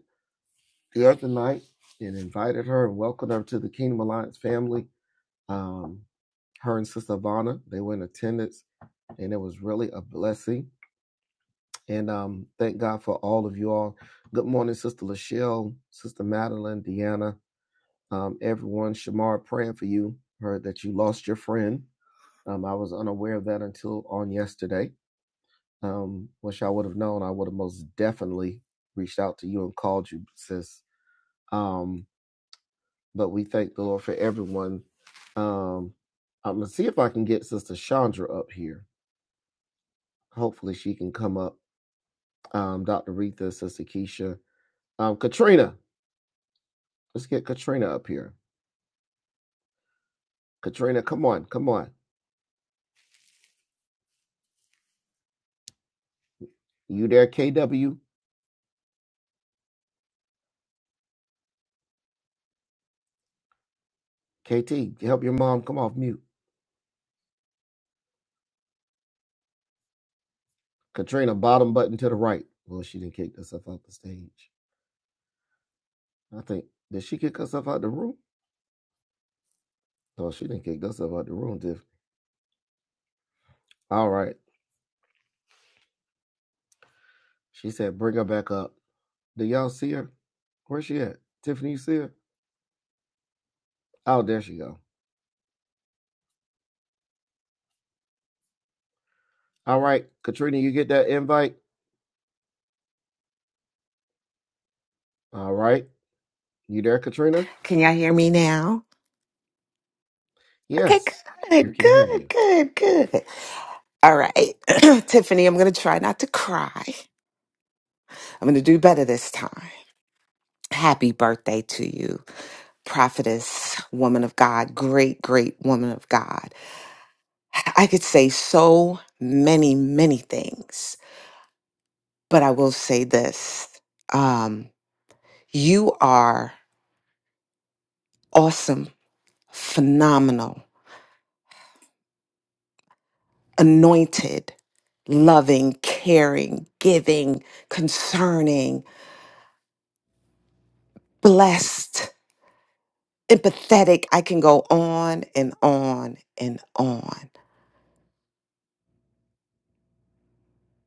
A: the other night and invited her and welcomed her to the Kingdom Alliance family. Um, her and Sister Vonna, they were in attendance and it was really a blessing. And um, thank God for all of you all. Good morning, Sister Lachelle, Sister Madeline, Deanna, um, everyone. Shamar, praying for you. Heard that you lost your friend. Um, I was unaware of that until on yesterday. Um, wish I would have known. I would have most definitely reached out to you and called you, sis. Um, but we thank the Lord for everyone. Um, I'm gonna see if I can get Sister Chandra up here. Hopefully, she can come up. um, Dr. Retha, Sister Keisha. Um, Katrina, let's get Katrina up here. Katrina, come on, come on. You there, KW? KT, help your mom come off mute. Katrina, bottom button to the right. Well, she didn't kick herself out the stage. I think, did she kick herself out the room? No, she didn't kick herself out the room, Tiff. All right. She said, bring her back up. Do y'all see her? Where's she at? Tiffany, you see her? Oh, there she go. All right, Katrina, you get that invite? All right. You there, Katrina?
L: Can y'all hear me now? Okay,
A: Yes, we
L: good,
A: can hear
L: good,
A: you.
L: good, good. All right, Tiffany, I'm going to try not to cry. I'm going to do better this time. Happy birthday to you, prophetess, woman of God, great, great woman of God. I could say so many, many things, but I will say this um, you are awesome, phenomenal. anointed, loving, caring, giving, concerning, blessed, empathetic. I can go on and on and on.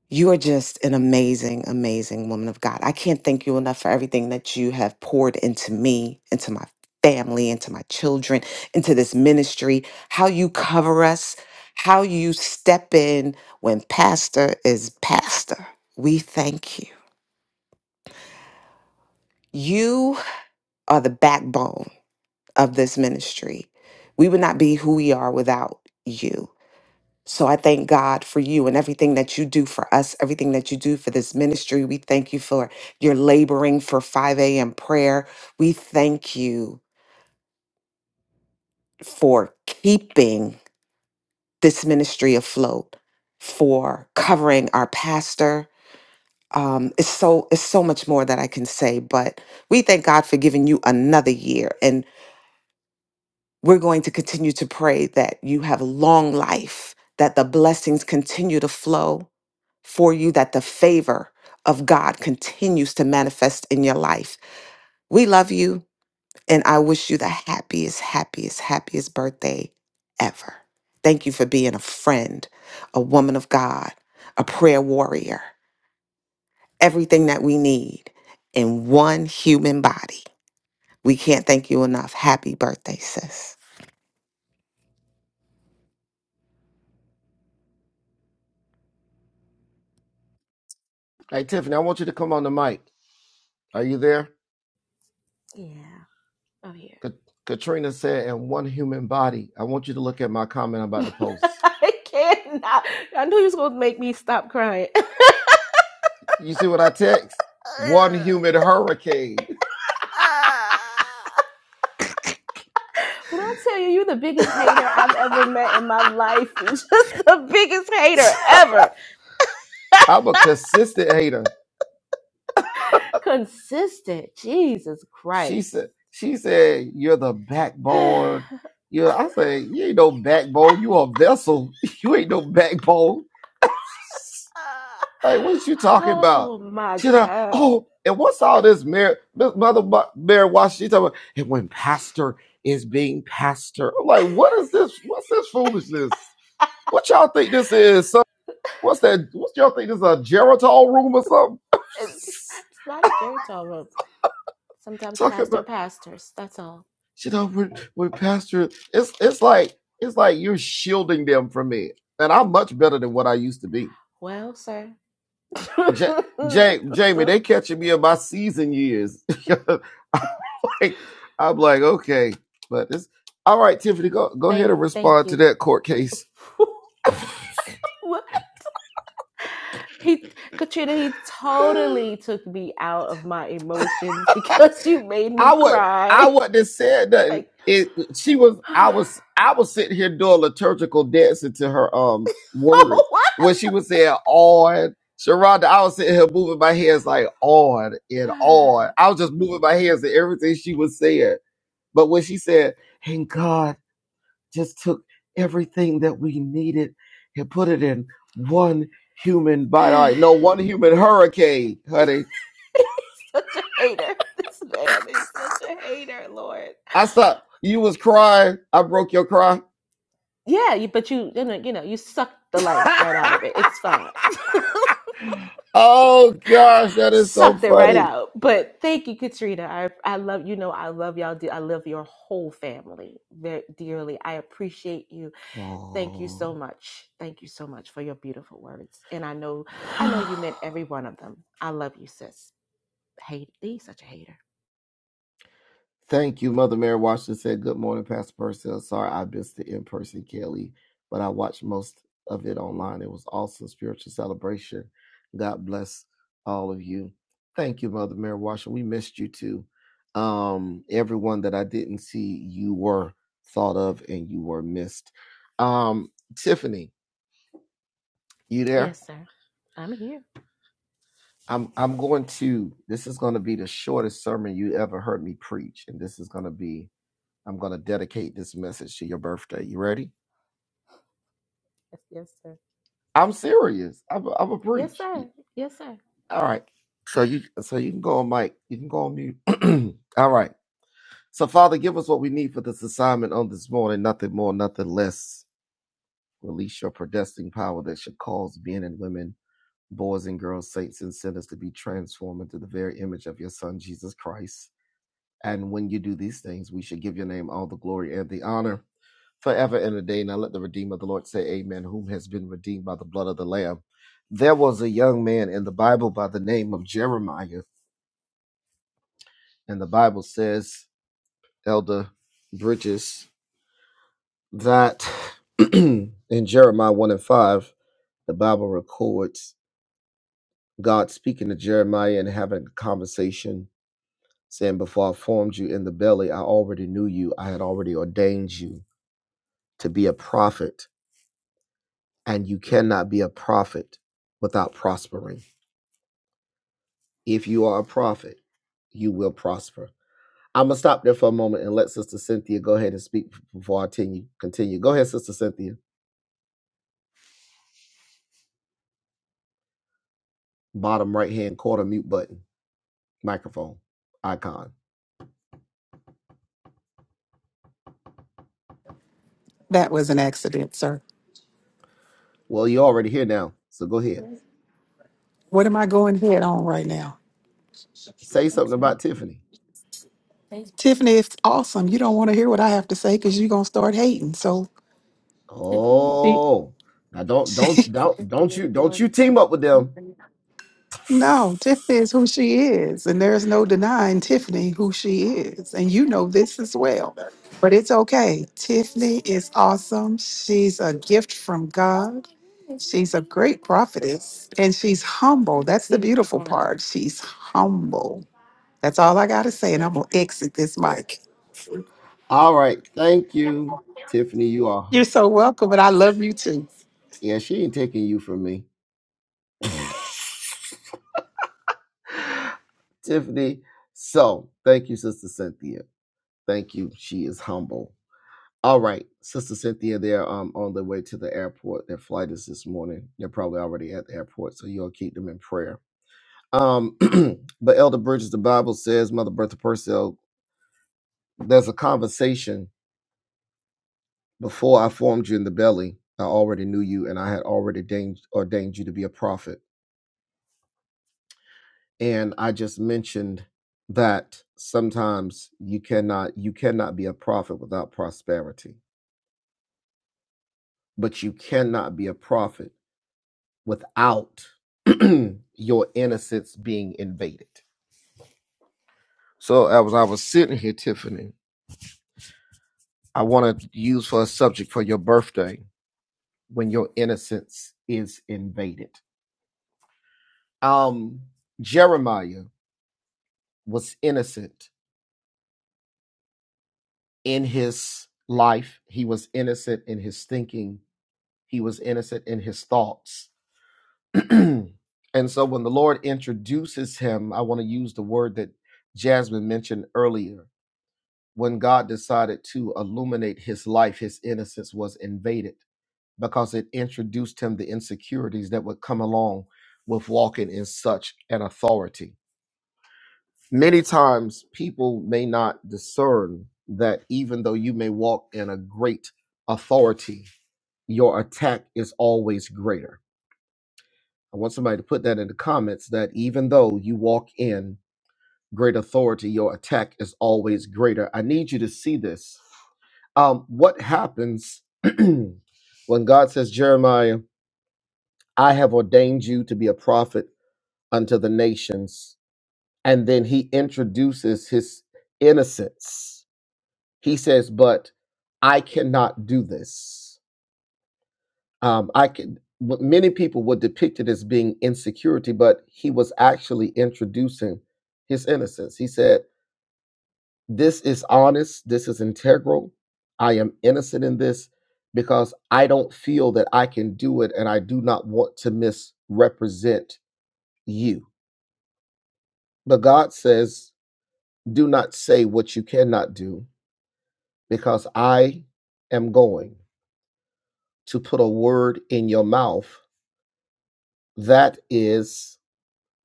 L: You are just an amazing, amazing woman of God. I can't thank you enough for everything that you have poured into me, into my family, into my children, into this ministry, how you cover us, how you step in when pastor is pastor. We thank you. You are the backbone of this ministry. We would not be who we are without you. So I thank God for you and everything that you do for us, everything that you do for this ministry. We thank you for your laboring for 5 a.m. prayer. We thank you for keeping this ministry afloat, for covering our pastor. Um, it's so it's so much more that I can say, but we thank God for giving you another year. and. we're going to continue to pray that you have long life, that the blessings continue to flow for you, that the favor of God continues to manifest in your life. We love you, and I wish you the happiest, happiest, happiest birthday ever. Thank you for being a friend, a woman of God, a prayer warrior, everything that we need in one human body. We can't thank you enough. Happy birthday, sis.
A: Hey, Tiffany, I want you to come on the mic. Are you there?
E: Yeah, I'm here.
A: Ka- Katrina said, in one human body. I want you to look at my comment about the post.
E: I cannot. I knew you was gonna make me stop crying.
A: You see what I text? One human hurricane.
E: When I tell you, you're the biggest hater I've ever met in my life. It's just the biggest hater ever.
A: I'm a consistent hater.
E: Consistent. Jesus
A: She
E: Christ.
A: said, she said, you're the backbone. You, I say, you ain't no backbone. You a vessel. You ain't no backbone. Like, what you talking about?
E: oh my
A: She like,
E: God.
A: oh, and what's all this Mary, this mother Mary Washington she talking about? And when pastor is being pastor, I'm like, what is this? What's this foolishness? What y'all think this is? Some, what's that? What y'all think this is a Geritol room or something?
E: It's, it's not a Geritol room. Sometimes
A: talking
E: pastor
A: about,
E: pastors. That's all.
A: you know, when, when pastor, it's it's like it's like you're shielding them from me, and I'm much better than what I used to be.
E: Well, sir.
A: Ja- Ja- Jamie, they catching me in my season years. I'm like, okay, but this. All right, Tiffany, go go ahead
E: thank
A: and
E: thank
A: respond to
E: you.
A: that court case.
E: What? he Katrina, he
A: I
E: totally took me out of my emotions because you made me
A: would I
E: cry.
A: wouldn't have said nothing.
E: Like,
A: It she was I
E: oh
A: was I was sitting here doing liturgical dancing to her um words
E: what?
A: when she was saying on Sharonda. I was sitting here moving my hands like on and on. I was just moving my hands to everything she was saying. But when she said, "And God," just took everything that we needed and put it in one human body. I know one human hurricane, honey.
E: He's such a hater. This man is such a hater, Lord.
A: I saw you was crying. I broke your cry.
E: Yeah, you, but you, you know, you know, you sucked the life right out of it. It's fine.
A: oh gosh, that is so
E: sucked it right
A: funny.
E: out. But thank you, Katrina. I, I love, you know, I love y'all. de- I love your whole family very dearly. I appreciate you. Thank you so
A: Oh.
E: much. Thank you so much for your beautiful words. And I know, I know you meant every one of them. I love you, sis. Hate he's such a hater.
A: Thank you, Mother Mary Washington said, Good morning, Pastor Purcell. Sorry I missed the in person, Kelly, but I watched most of it online. It was awesome spiritual celebration. God bless all of you. Thank you, Mother Mary Washington. We missed you too. Um, everyone that I didn't see, you were thought of and you were missed. Um, Tiffany, you there?
E: Yes, sir. I'm here.
A: I'm I'm going to this is gonna be the shortest sermon you ever heard me preach, and this is gonna be I'm going to dedicate this message to your birthday. You ready?
E: Yes, yes, sir.
A: I'm serious. I'm I'm a
E: Yes,
A: preach.
E: sir. Yes, sir.
A: All right. So you so you can go on mic. You can go on mute. All right. So Father, give us what we need for this assignment on this morning. Nothing more, nothing less. Release your predestined power that should cause men and women, boys and girls, saints and sinners to be transformed into the very image of your Son Jesus Christ. And when you do these things, we should give your name all the glory and the honor. forever and a day. Now let the Redeemer of the Lord say, Amen, whom has been redeemed by the blood of the Lamb. There was a young man in the Bible by the name of Jeremiah, and the Bible says, Elder Bridges, that in Jeremiah 1 and 5, the Bible records God speaking to Jeremiah and having a conversation, saying, Before I formed you in the belly, I already knew you. I had already ordained you to be a prophet, and you cannot be a prophet without prospering If you are a prophet, you will prosper. I'm gonna stop there for a moment and let Sister Cynthia go ahead and speak before I continue. Continue. Go ahead, Sister Cynthia. Bottom right hand corner mute button, microphone icon.
M: That was an accident, sir.
A: Well, you're already here now, so go ahead.
M: What am I going head on right now?
A: Say something about Tiffany.
M: Tiffany, it's awesome. You don't want to hear what I have to say because you're going to start hating. So,
A: Oh, now don't don't
M: she,
A: don't don't you don't you team up with them.
M: no, Tiffany is who she is. And there's no denying Tiffany who she is. And you know this as well. But it's okay. Tiffany is awesome. She's a gift from God. She's a great prophetess. And she's humble. That's the beautiful part. She's humble. That's all I got to say. And I'm going to exit this mic.
A: All right. Thank you, Tiffany. You
M: You're
A: are.
M: so welcome, and I love you too.
A: Yeah, she ain't taking you from me. Tiffany. So thank you, Sister Cynthia. Thank you. She is humble. All right, Sister Cynthia, they're um on their way to the airport. Their flight is this morning. They're probably already at the airport, so you'll keep them in prayer. Um, but Elder Bridges, the Bible says, Mother Bertha Purcell, there's a conversation before I formed you in the belly. I already knew you, and I had already ordained, ordained you to be a prophet. And I just mentioned that sometimes you cannot you cannot be a prophet without prosperity, but you cannot be a prophet without your innocence being invaded. So as I was sitting here, Tiffany, I want to use for a subject for your birthday when your innocence is invaded. Um, Jeremiah was innocent in his life. He was innocent in his thinking. He was innocent in his thoughts. and so when the Lord introduces him, I want to use the word that Jasmine mentioned earlier when God decided to illuminate his life, his innocence was invaded because it introduced him the insecurities that would come along with walking in such an authority. Many times people may not discern that even though you may walk in a great authority, your attack is always greater. I want somebody to put that in the comments that even though you walk in great authority, your attack is always greater. I need you to see this Um, what happens when God says, Jeremiah, I have ordained you to be a prophet unto the nations? And then he introduces his innocence. He says, But I cannot do this. Um, I can. what Many people would depict it as being insecurity, but he was actually introducing his innocence. He said, This is honest. This is integral. I am innocent in this because I don't feel that I can do it and I do not want to misrepresent you. But God says, do not say what you cannot do because I am going to put a word in your mouth that is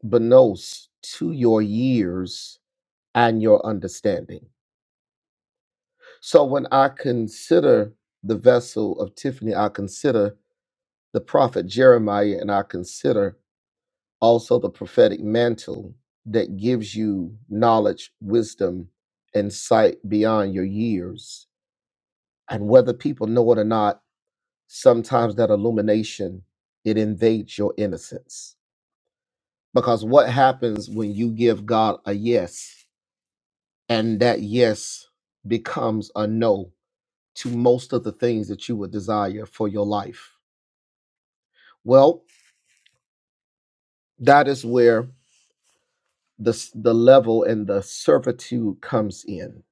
A: benos to your years and your understanding. So when I consider the vessel of Tiffany, I consider the prophet Jeremiah, and I consider also the prophetic mantle that gives you knowledge, wisdom, and sight beyond your years. And whether people know it or not, sometimes that illumination it invades your innocence. Because what happens when you give God a yes and that yes becomes a no to most of the things that you would desire for your life? Well, that is where the the level and the servitude comes in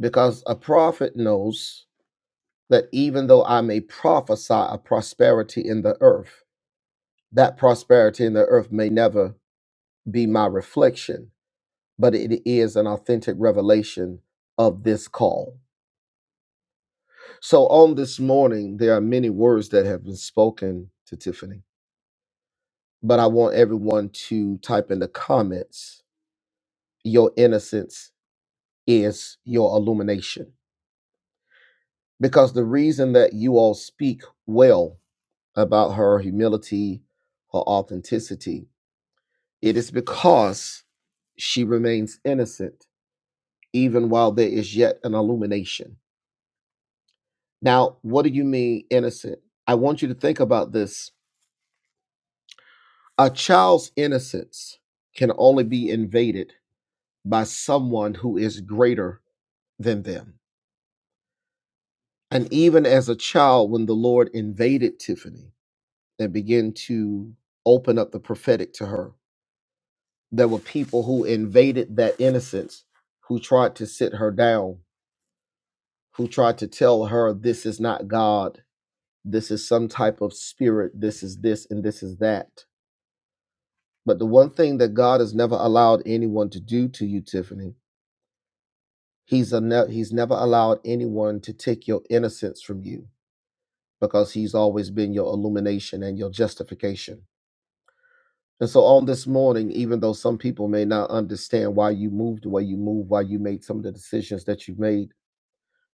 A: because a prophet knows that even though I may prophesy a prosperity in the earth, that prosperity in the earth may never be my reflection, but it is an authentic revelation of this call. So on this morning, there are many words that have been spoken to Tiffany, but I want everyone to type in the comments, your innocence is your illumination because the reason that you all speak well about her humility, her authenticity, it is because she remains innocent even while there is yet an illumination. Now, what do you mean innocent? I want you to think about this. A child's innocence can only be invaded by someone who is greater than them. And even as a child, when the Lord invaded Tiffany and began to open up the prophetic to her, there were people who invaded that innocence, who tried to sit her down, who tried to tell her this is not God, this is some type of spirit, this is this and this is that. But the one thing that God has never allowed anyone to do to you, Tiffany, he's a ne- he's never allowed anyone to take your innocence from you because he's always been your illumination and your justification. And so on this morning, even though some people may not understand why you moved the way you moved, why you made some of the decisions that you made,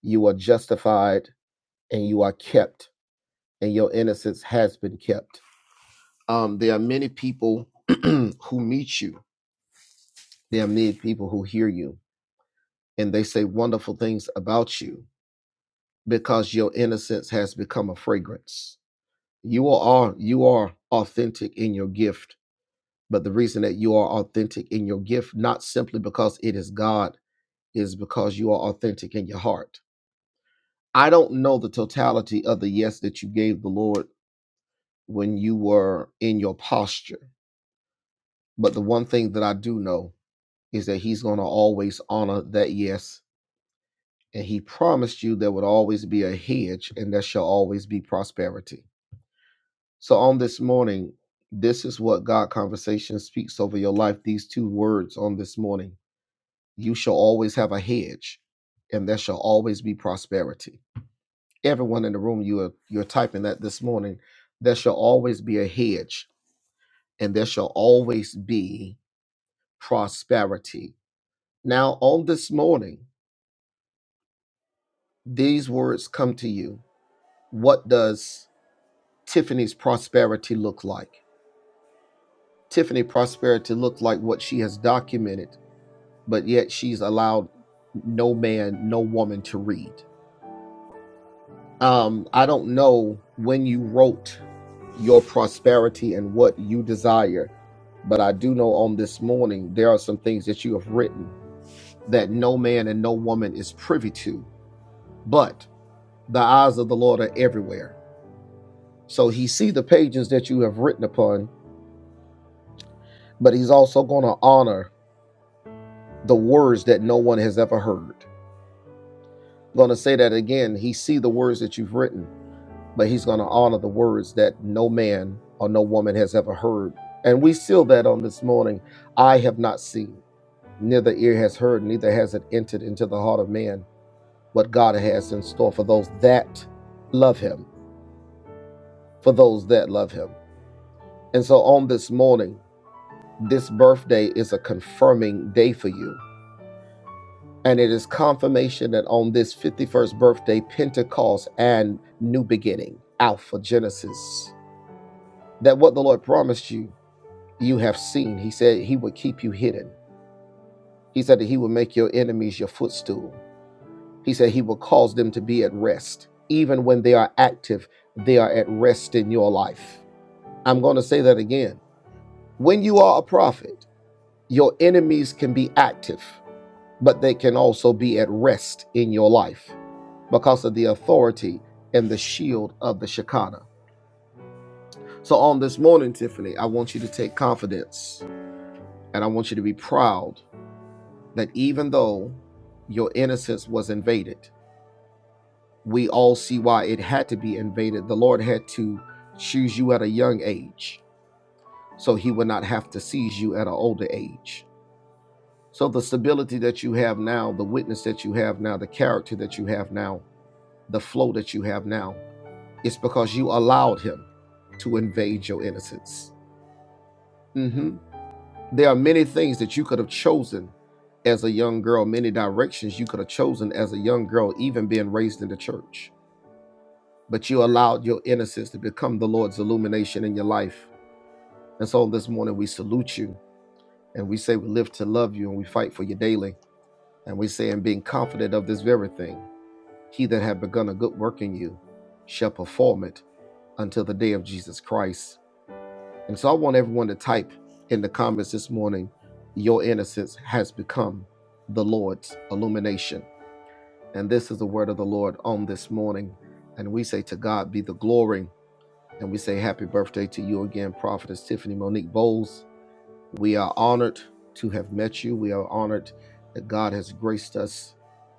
A: you are justified and you are kept and your innocence has been kept um, there are many people who meet you there are many people who hear you and they say wonderful things about you because your innocence has become a fragrance you are you are authentic in your gift but the reason that you are authentic in your gift not simply because it is god is because you are authentic in your heart i don't know the totality of the yes that you gave the lord when you were in your posture. But the one thing that I do know is that he's going to always honor that yes. And he promised you there would always be a hedge and there shall always be prosperity. So on this morning, this is what God conversation speaks over your life. These two words on this morning you shall always have a hedge and there shall always be prosperity. Everyone in the room, you are you're typing that this morning. There shall always be a hedge and there shall always be prosperity. Now, on this morning, these words come to you. What does Tiffany's prosperity look like? Tiffany prosperity looked like what she has documented, but yet she's allowed no man, no woman to read. Um, I don't know when you wrote your prosperity and what you desire, but I do know on this morning there are some things that you have written that no man and no woman is privy to. But the eyes of the Lord are everywhere. So he sees the pages that you have written upon, but he's also going to honor the words that no one has ever heard. I'm going to say that again. He sees the words that you've written, but he's going to honor the words that no man or no woman has ever heard. And we seal that on this morning. I have not seen, neither ear has heard, neither has it entered into the heart of man what God has in store for those that love him, for those that love him. And so on this morning, this birthday is a confirming day for you. And it is confirmation that on this 51st birthday, Pentecost and new beginning, Alpha Genesis, that what the Lord promised you, you have seen. He said he would keep you hidden. He said that he would make your enemies your footstool. He said he will cause them to be at rest. Even when they are active, they are at rest in your life. I'm going to say that again. When you are a prophet, your enemies can be active but they can also be at rest in your life because of the authority and the shield of the Shekinah. So, on this morning, Tiffany, I want you to take confidence and I want you to be proud that even though your innocence was invaded, we all see why it had to be invaded. The Lord had to choose you at a young age so he would not have to seize you at an older age. So, the stability that you have now, the witness that you have now, the character that you have now, the flow that you have now. It's because you allowed him to invade your innocence. Mhm. There are many things that you could have chosen as a young girl, many directions you could have chosen as a young girl, even being raised in the church. But you allowed your innocence to become the Lord's illumination in your life. And so this morning we salute you and we say we live to love you and we fight for you daily. And we say, and being confident of this very thing, he that had begun a good work in you shall perform it until the day of Jesus Christ. And so I want everyone to type in the comments this morning your innocence has become the Lord's illumination. And this is the word of the Lord on this morning. And we say to God be the glory. And we say happy birthday to you again, Prophetess Tiffany Monique Bowles. We are honored to have met you. We are honored that God has graced us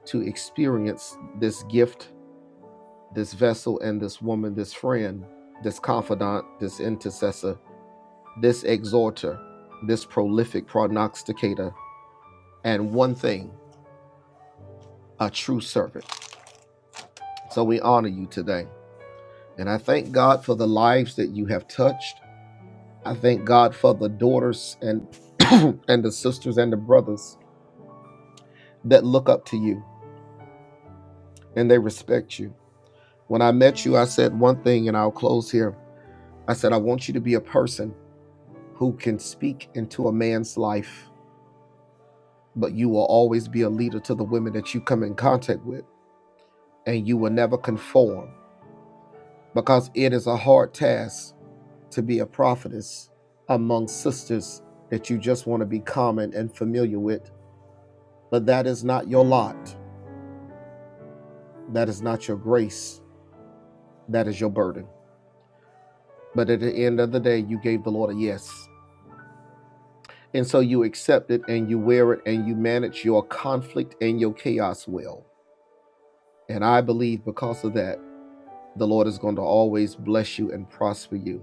A: to experience this gift, this vessel, and this woman, this friend, this confidant, this intercessor this exhorter, this prolific prognosticator, and one thing, a true servant. So we honor you today. And I thank God for the lives that you have touched. I thank God for the daughters and and the sisters and the brothers that look up to you and they respect you. When I met you, I said one thing and I'll close here. I said I want you to be a person who can speak into a man's life, but you will always be a leader to the women that you come in contact with and you will never conform because it is a hard task to be a prophetess among sisters that you just want to be common and familiar with. But that is not your lot. That is not your grace. That is your burden. But at the end of the day, you gave the Lord a yes. And so you accept it and you wear it and you manage your conflict and your chaos well. And I believe because of that, the Lord is going to always bless you and prosper you.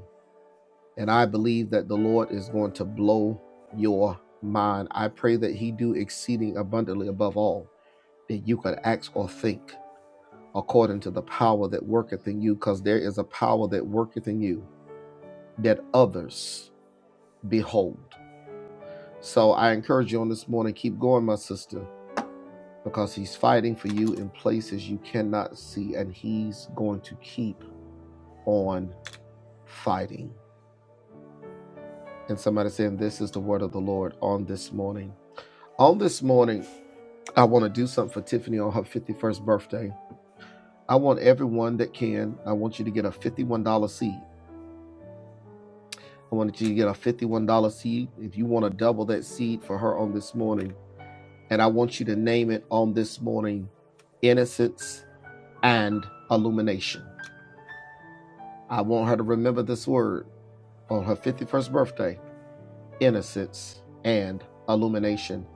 A: And I believe that the Lord is going to blow your mind. I pray that He do exceeding abundantly above all that you could ask or think according to the power that worketh in you, because there is a power that worketh in you that others behold. So I encourage you on this morning, keep going, my sister, because He's fighting for you in places you cannot see, and He's going to keep on fighting. And somebody saying, This is the word of the Lord on this morning. On this morning, I want to do something for Tiffany on her 51st birthday. I want everyone that can, I want you to get a $51 seed. I want you to get a $51 seed. If you want to double that seed for her on this morning, and I want you to name it on this morning Innocence and Illumination. I want her to remember this word on her 51st birthday Innocence and Illumination.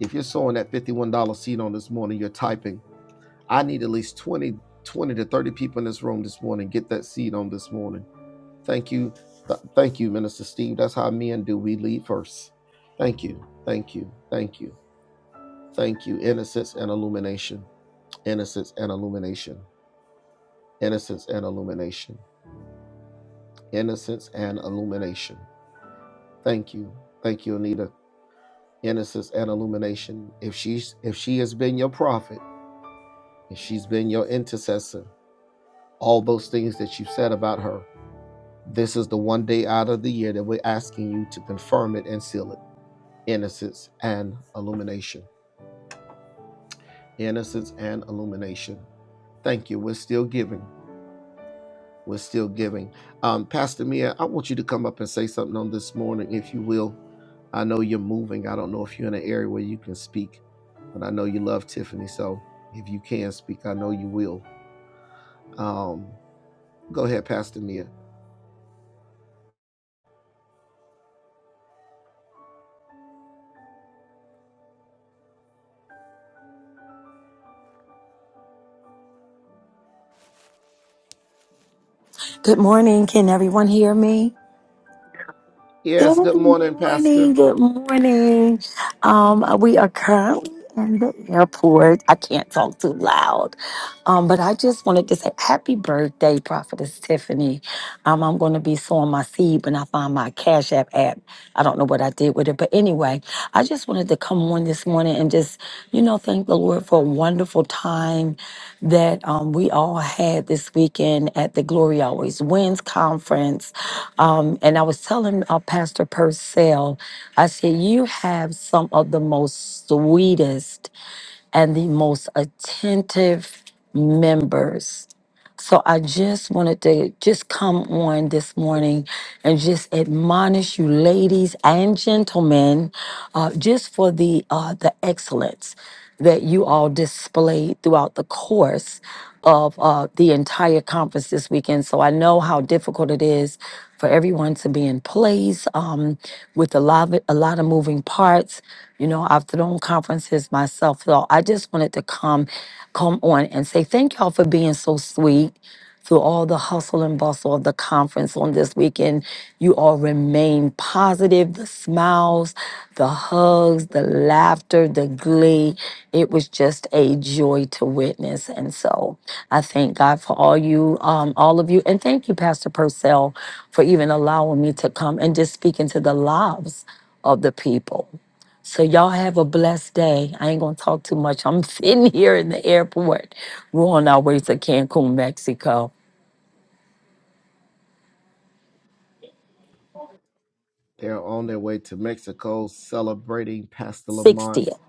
A: If you're sowing that $51 seed on this morning, you're typing I need at least 20, 20 to 30 people in this room this morning. Get that seed on this morning. Thank you. Th- thank you, Minister Steve. That's how men do. We lead first. Thank you. Thank you. Thank you. Thank you. Innocence and illumination. Innocence and illumination. Innocence and illumination. Innocence and illumination. Thank you. Thank you, Anita. Innocence and illumination. If she's if she has been your prophet, if she's been your intercessor, all those things that you said about her. This is the one day out of the year that we're asking you to confirm it and seal it. Innocence and illumination. Innocence and illumination. Thank you. We're still giving. We're still giving. Um, Pastor Mia, I want you to come up and say something on this morning, if you will. I know you're moving. I don't know if you're in an area where you can speak, but I know you love Tiffany. So if you can speak, I know you will. Um, go ahead, Pastor Mia.
N: Good morning. Can everyone hear me? Good
A: Yes, good morning, Pastor.
N: morning. Good morning. Um, we are currently in the airport. I can't talk too loud. Um, but I just wanted to say happy birthday, Prophetess Tiffany. Um, I'm going to be sowing my seed when I find my Cash App app. I don't know what I did with it, but anyway, I just wanted to come on this morning and just, you know, thank the Lord for a wonderful time that um, we all had this weekend at the Glory Always Wins conference. Um, and I was telling uh, Pastor Purcell, I said, You have some of the most sweetest and the most attentive members so I just wanted to just come on this morning and just admonish you, ladies and gentlemen, uh, just for the uh, the excellence that you all displayed throughout the course of uh, the entire conference this weekend. So I know how difficult it is for everyone to be in place um, with a lot, of, a lot of moving parts. You know, I've thrown conferences myself. So I just wanted to come, come on and say thank y'all for being so sweet through all the hustle and bustle of the conference on this weekend. You all remain positive. The smiles, the hugs, the laughter, the glee. It was just a joy to witness. And so I thank God for all you, um, all of you. And thank you, Pastor Purcell, for even allowing me to come and just speak into the lives of the people. So y'all have a blessed day. I ain't gonna talk too much. I'm sitting here in the airport. We're on our way to Cancun, Mexico.
A: They are on their way to Mexico celebrating Pastor
N: 60th.
A: Lamont's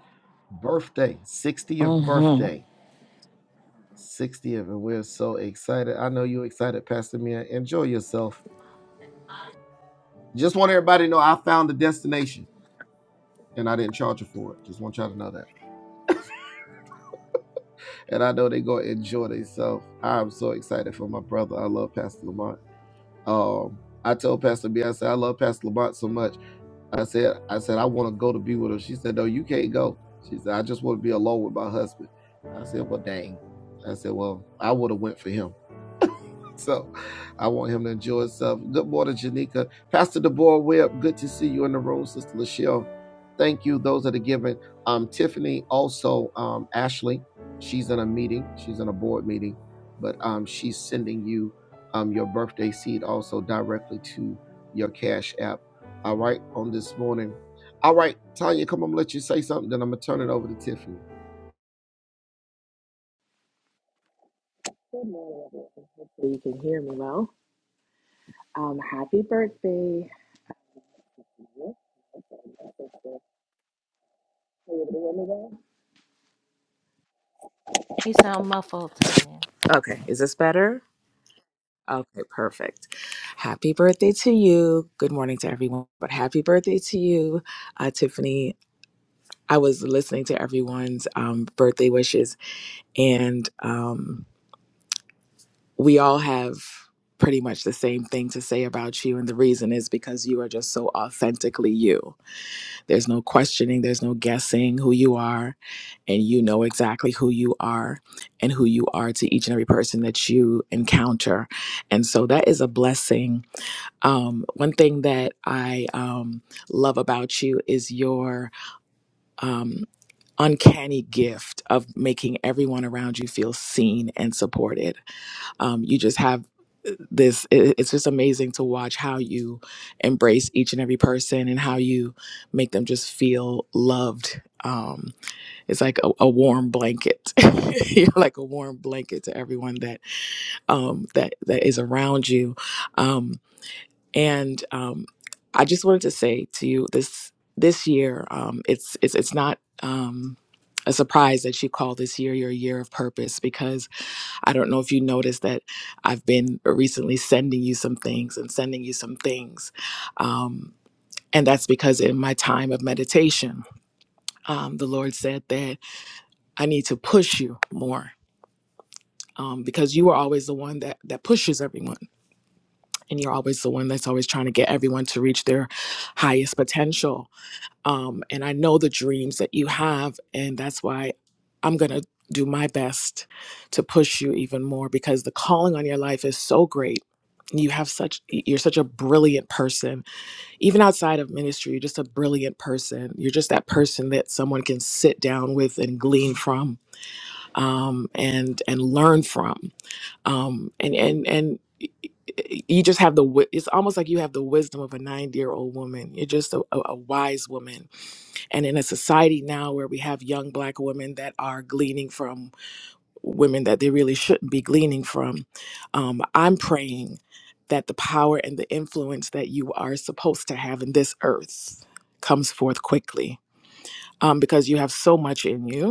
A: birthday, 60th
N: hmm
A: birthday. 60th, and we're so excited. I know you're excited, Pastor Mia. Enjoy yourself. Just want everybody to know I found the destination and I didn't charge you for it. Just want y'all to know that. And I know they're going to enjoy themselves. I'm so excited for my brother. I love Pastor Lamont. Um, I told Pastor B, I said, I love Pastor Lamont so much. I said, I said, I want to go to be with her. She said, No, you can't go. She said, I just want to be alone with my husband. I said, Well, dang. I said, Well, I would have went for him. So I want him to enjoy himself. Good morning, Janika. Pastor Deborah Webb, good to see you in the room, Sister Lachelle. Thank you. Those that are giving. Um, Tiffany, also um, Ashley, she's in a meeting. She's in a board meeting, but um, she's sending you um, your birthday seed also directly to your Cash App. All right, on this morning. All right, Tanya, come on, let you say something. Then I'm gonna turn it over to Tiffany.
O: So you can hear me well. Um, happy birthday.
E: You sound muffled, Tanya.
O: Okay, is this better? Okay, perfect. Happy birthday to you. Good morning to everyone, but happy birthday to you, uh, Tiffany. I was listening to everyone's um, birthday wishes, and um, we all have pretty much the same thing to say about you. And the reason is because you are just so authentically you There's no questioning, there's no guessing who you are, and you know exactly who you are and who you are to each and every person that you encounter. And so that is a blessing. Um, one thing that I um, love about you is your um, uncanny gift of making everyone around you feel seen and supported um, you just have uh, this it- it's just amazing to watch how you embrace each and every person and how you make them just feel loved um, it's like a, a warm blanket you're like a warm blanket to everyone that um, that that is around you um, and um, i just wanted to say to you this this year um, it's it's it's not um, a surprise that you call this year your year of purpose because I don't know if you noticed that I've been recently sending you some things and sending you some things. Um, and that's because in my time of meditation, um, the Lord said that I need to push you more. Um, because you are always the one that that pushes everyone, and you're always the one that's always trying to get everyone to reach their highest potential Um, and I know the dreams that you have, and that's why I'm going to do my best to push you even more because the calling on your life is so great. You have such you're such a brilliant person. Even outside of ministry, you're just a brilliant person. You're just that person that someone can sit down with and glean from um, and and learn from. Um, and and and y- y- you just have the wi- it's almost like you have the wisdom of a 90 year old woman. You're just a, a a wise woman and in a society now where we have young black women that are gleaning from women that they really shouldn't be gleaning from um, i'm praying that the power and the influence that you are supposed to have in this earth comes forth quickly um, because you have so much in you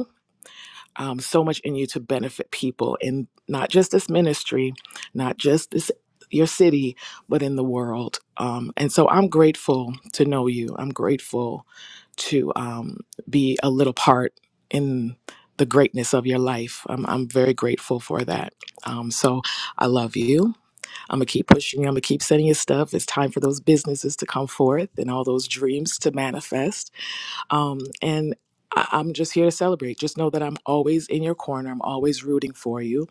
O: um, so much in you to benefit people in not just this ministry, not just this your city, but in the world. Um, and so I'm grateful to know you. I'm grateful to um, be a little part in the greatness of your life. I'm, I'm very grateful for that. Um, so I love you. I'm gonna keep pushing you. I'm gonna keep sending you stuff. It's time for those businesses to come forth and all those dreams to manifest um, and I- I'm just here to celebrate. Just know that I'm always in your corner. I'm always rooting for you.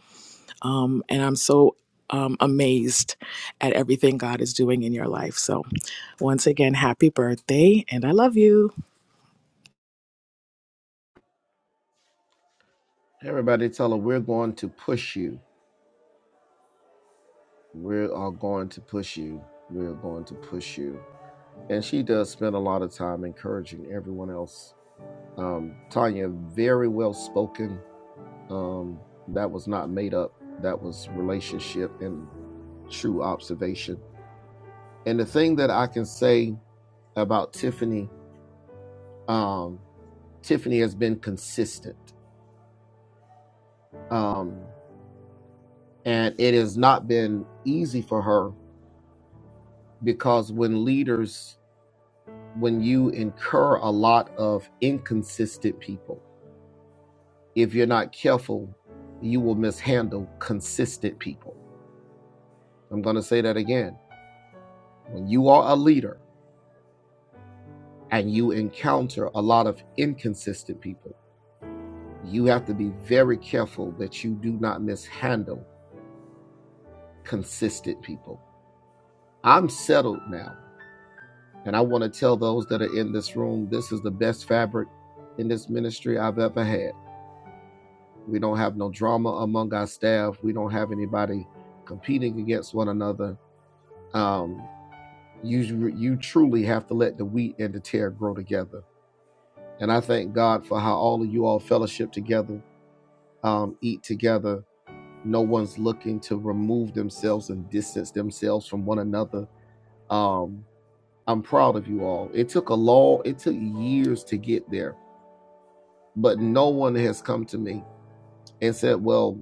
O: Um, and I'm so um, amazed at everything God is doing in your life. So, once again, happy birthday, and I love you.
A: Everybody, tell her we're going to push you. we are going to push you. We are going to push you. And she does spend a lot of time encouraging everyone else. Um, Tanya, very well spoken. Um, that was not made up, that was relationship and true observation. And the thing that I can say about Tiffany, um, Tiffany has been consistent. Um, and it has not been easy for her because when leaders when you incur a lot of inconsistent people, if you're not careful, you will mishandle consistent people. I'm going to say that again. When you are a leader and you encounter a lot of inconsistent people, you have to be very careful that you do not mishandle consistent people. I'm settled now, and I want to tell those that are in this room this is the best fabric in this ministry I've ever had. We don't have no drama among our staff. We don't have anybody competing against one another. Um, you you truly have to let the wheat and the tear grow together. And I thank God for how all of you all fellowship together, um, eat together. No one's looking to remove themselves and distance themselves from one another. Um, I'm proud of you all. It took a long, it took years to get there, but no one has come to me and said, "Well,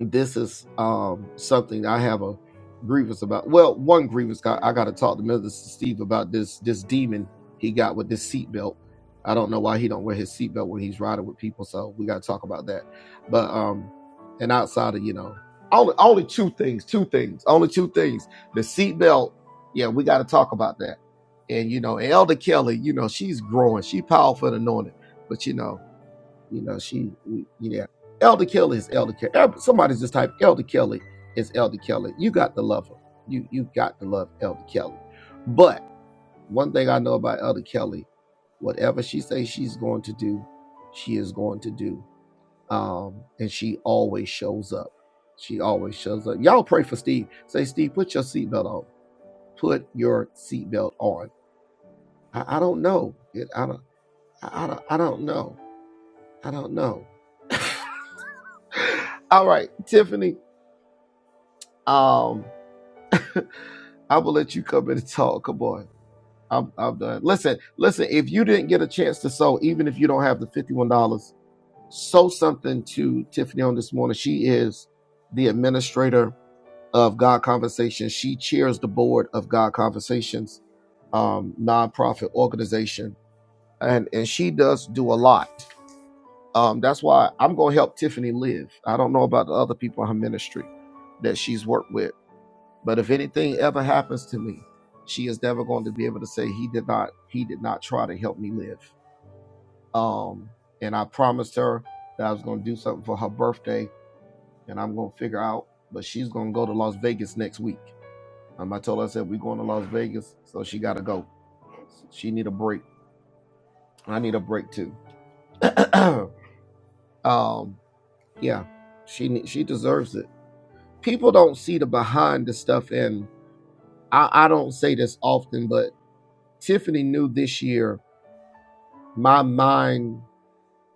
A: this is um, something I have a grievance about. Well, one grievance got, I got to talk to Mister Steve about this this demon he got with this seatbelt. I don't know why he don't wear his seatbelt when he's riding with people, so we got to talk about that. But um, and outside of you know, only only two things, two things, only two things. The seatbelt, yeah, we got to talk about that. And you know, Elder Kelly, you know, she's growing, she powerful and anointed, but you know. You know, she, yeah. Elder Kelly is Elder Kelly. Elder- Somebody's just type Elder Kelly is Elder Kelly. You got to love her. You you got to love Elder Kelly. But one thing I know about Elder Kelly, whatever she says she's going to do, she is going to do. Um, and she always shows up. She always shows up. Y'all pray for Steve. Say, Steve, put your seatbelt on. Put your seatbelt on. I, I don't know. It, I don't. I, I don't. I don't know. I don't know. All right, Tiffany. Um, I will let you come in and talk. Come on. I'm, I'm done. Listen, listen, if you didn't get a chance to sew, even if you don't have the $51, sew something to Tiffany on this morning. She is the administrator of God Conversations. She chairs the board of God Conversations, um, nonprofit organization. And and she does do a lot. Um, that's why I'm gonna help Tiffany live. I don't know about the other people in her ministry that she's worked with But if anything ever happens to me, she is never going to be able to say he did not he did not try to help me live. Um, and I promised her that I was going to do something for her birthday, and I'm going to figure out. But she's going to go to Las Vegas next week. Um, I told her I said we're going to Las Vegas, so she got to go. She need a break. I need a break too. um, yeah, she she deserves it. People don't see the behind the stuff, and I, I don't say this often, but Tiffany knew this year my mind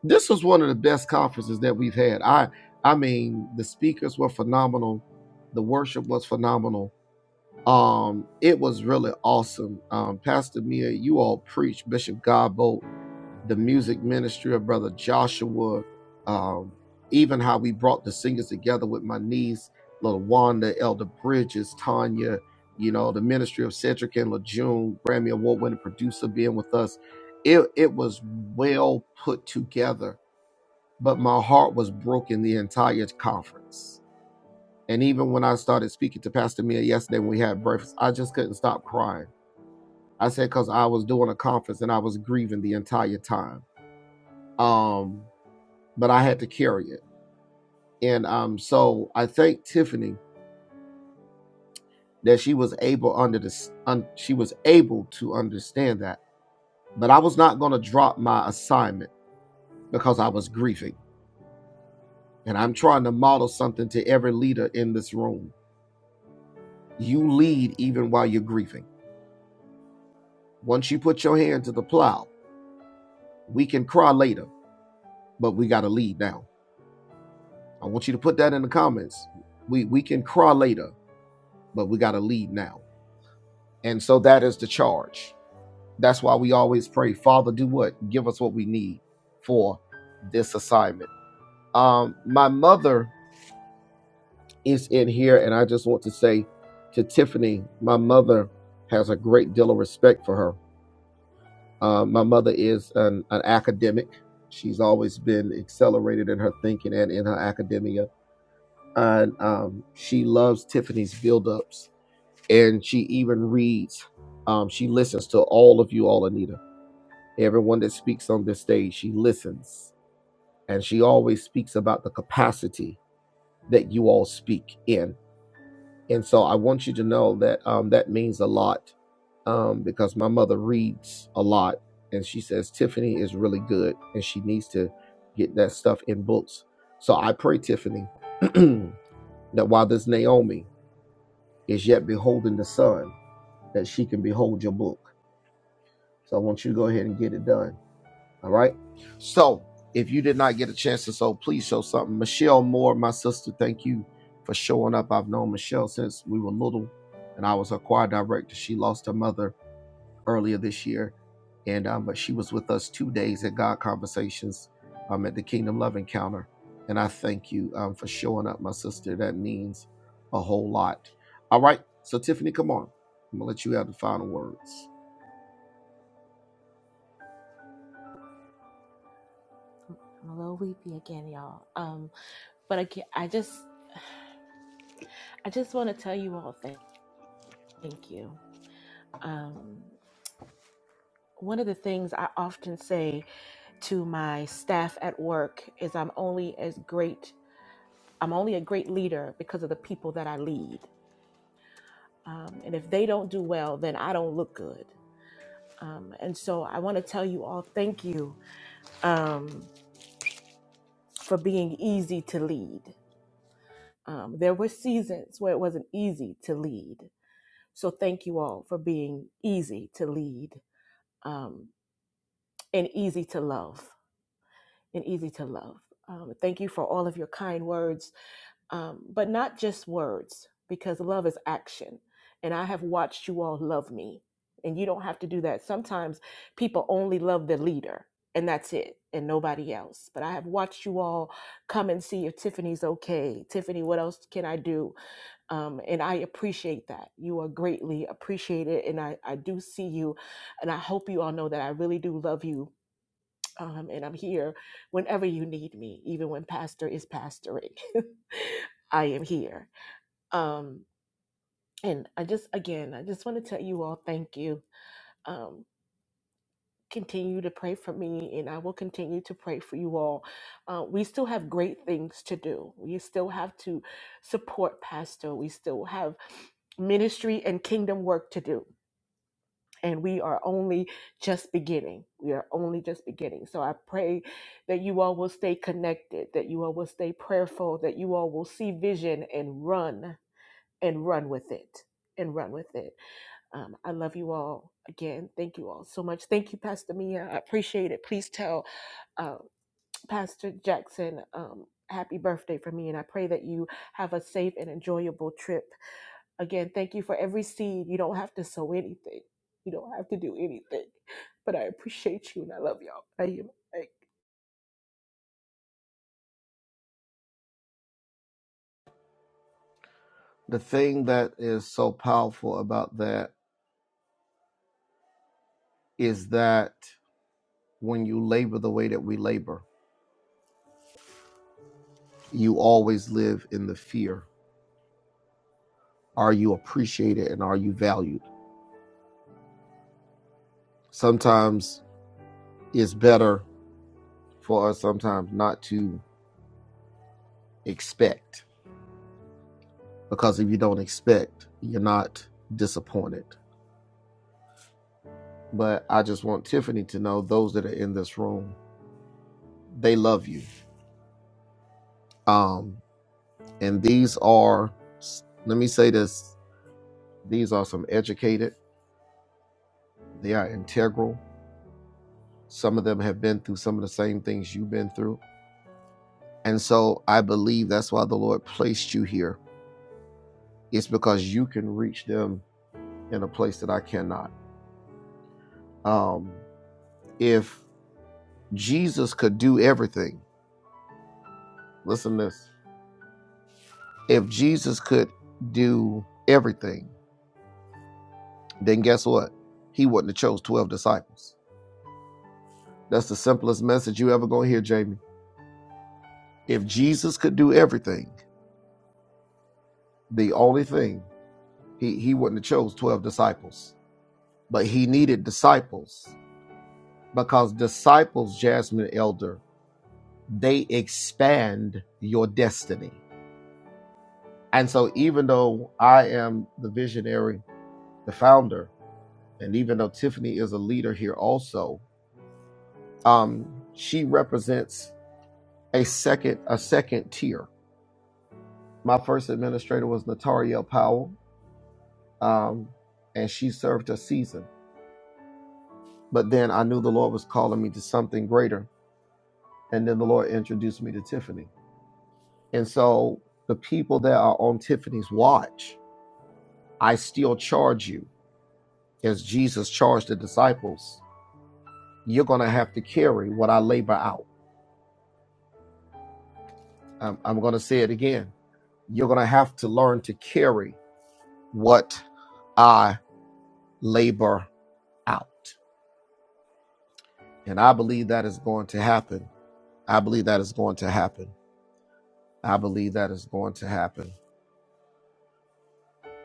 A: this was one of the best conferences that we've had i i mean the speakers were phenomenal the worship was phenomenal um, it was really awesome. Um, Pastor Mia, you all preached Bishop Godbolt, the music ministry of Brother Joshua, um, even how we brought the singers together with my niece, little Wanda, Elder Bridges, Tanya, you know, the ministry of Cedric and LeJune, Grammy Award winning producer being with us. It, it was well put together, but my heart was broken the entire conference and even when I started speaking to Pastor Mia yesterday when we had breakfast, I just couldn't stop crying. I said because I was doing a conference and I was grieving the entire time. Um, but I had to carry it. And um, so I thank Tiffany that she was able under the un, she was able to understand that. But I was not going to drop my assignment because I was grieving. And I'm trying to model something to every leader in this room. You lead even while you're grieving. Once you put your hand to the plow, we can cry later but we got to lead now. I want you to put that in the comments. We we can cry later, but we got to lead now. And so that is the charge. That's why we always pray, Father, do what? Give us what we need for this assignment. Um, my mother is in here, and I just want to say to Tiffany, my mother has a great deal of respect for her. Uh, my mother is an, an academic. She's always been accelerated in her thinking and in her academia and um, she loves Tiffany's build-ups, and she even reads. Um, she listens to all of you all, Anita. Everyone that speaks on this stage, she listens, and she always speaks about the capacity that you all speak in. And so I want you to know that um, that means a lot um, because my mother reads a lot, and she says Tiffany is really good, and she needs to get that stuff in books. So I pray, Tiffany, that while there's Naomi. is yet beholding the sun that she can behold your book so i want you to go ahead and get it done all right so if you did not get a chance to so please show something michelle moore my sister thank you for showing up i've known michelle since we were little and i was her choir director she lost her mother earlier this year, and um, but she was with us two days at God Conversations um, at the Kingdom Love Encounter, and I thank you um, for showing up, my sister. That means a whole lot. All right, so Tiffany, come on. I'm gonna let you have the final words.
E: I'm, I'm a little weepy again, y'all. But again, I just I just want to tell you all thank, thank you. Um, one of the things I often say to my staff at work is I'm only as great I'm only a great leader because of the people that I lead. Um, and if they don't do well, then I don't look good. Um, and so I want to tell you all thank you um, for being easy to lead. Um, there were seasons where it wasn't easy to lead. So thank you all for being easy to lead Um, and easy to love and easy to love um, thank you for all of your kind words um, but not just words because love is action and i have watched you all love me and you don't have to do that sometimes people only love the leader and that's it and nobody else but i have watched you all come and see if tiffany's okay tiffany what else can i do um, and i appreciate that you are greatly appreciated and I, I do see you and i hope you all know that i really do love you um, and I'm here whenever you need me, even when pastor is pastoring. I am here. Um, and I just, again, I just want to tell you all thank you. Um, continue to pray for me, and I will continue to pray for you all. Uh, we still have great things to do. We still have to support Pastor. We still have ministry and kingdom work to do and we are only just beginning. We are only just beginning. So I pray that you all will stay connected, that you all will stay prayerful, that you all will see vision and run and run with it and run with it. Um, I love you all again. Thank you all so much. Thank you, Pastor Mia. I appreciate it. Please tell uh, Pastor Jackson um, happy birthday for me, and I pray that you have a safe and enjoyable trip Again, thank you for every seed. You don't have to sow anything. You don't have to do anything. But I appreciate you and I love y'all. I am like,
A: The thing that is so powerful about that is that when you labor the way that we labor, you always live in the fear. Are you appreciated and are you valued? Sometimes it's better for us sometimes not to expect because if you don't expect, you're not disappointed. But I just want Tiffany to know those that are in this room, they love you. Um, and these are, let me say this, these are some educated, they are integral. Some of them have been through some of the same things you've been through. And so I believe that's why the Lord placed you here. It's because you can reach them in a place that I cannot. Um, if Jesus could do everything. Listen to this. If Jesus could do everything, then guess what? He wouldn't have chose 12 disciples. That's the simplest message you ever gonna hear, Jamie. If Jesus could do everything, the only thing, he, he wouldn't have chose 12 disciples. But he needed disciples because disciples, Jasmine Elder, they expand your destiny. And so even though I am the visionary, the founder, and even though Tiffany is a leader here also, um, she represents a second a second tier. My first administrator was Natariel Powell, um, and she served a season. But then I knew the Lord was calling me to something greater, and then the Lord introduced me to Tiffany. And so the people that are on Tiffany's watch, I still charge you, as Jesus charged the disciples. You're going to have to carry what I labor out. Um, I'm going to say it again You're going to have to learn to carry what I labor out. And I believe that is going to happen. I believe that is going to happen. I believe that is going to happen.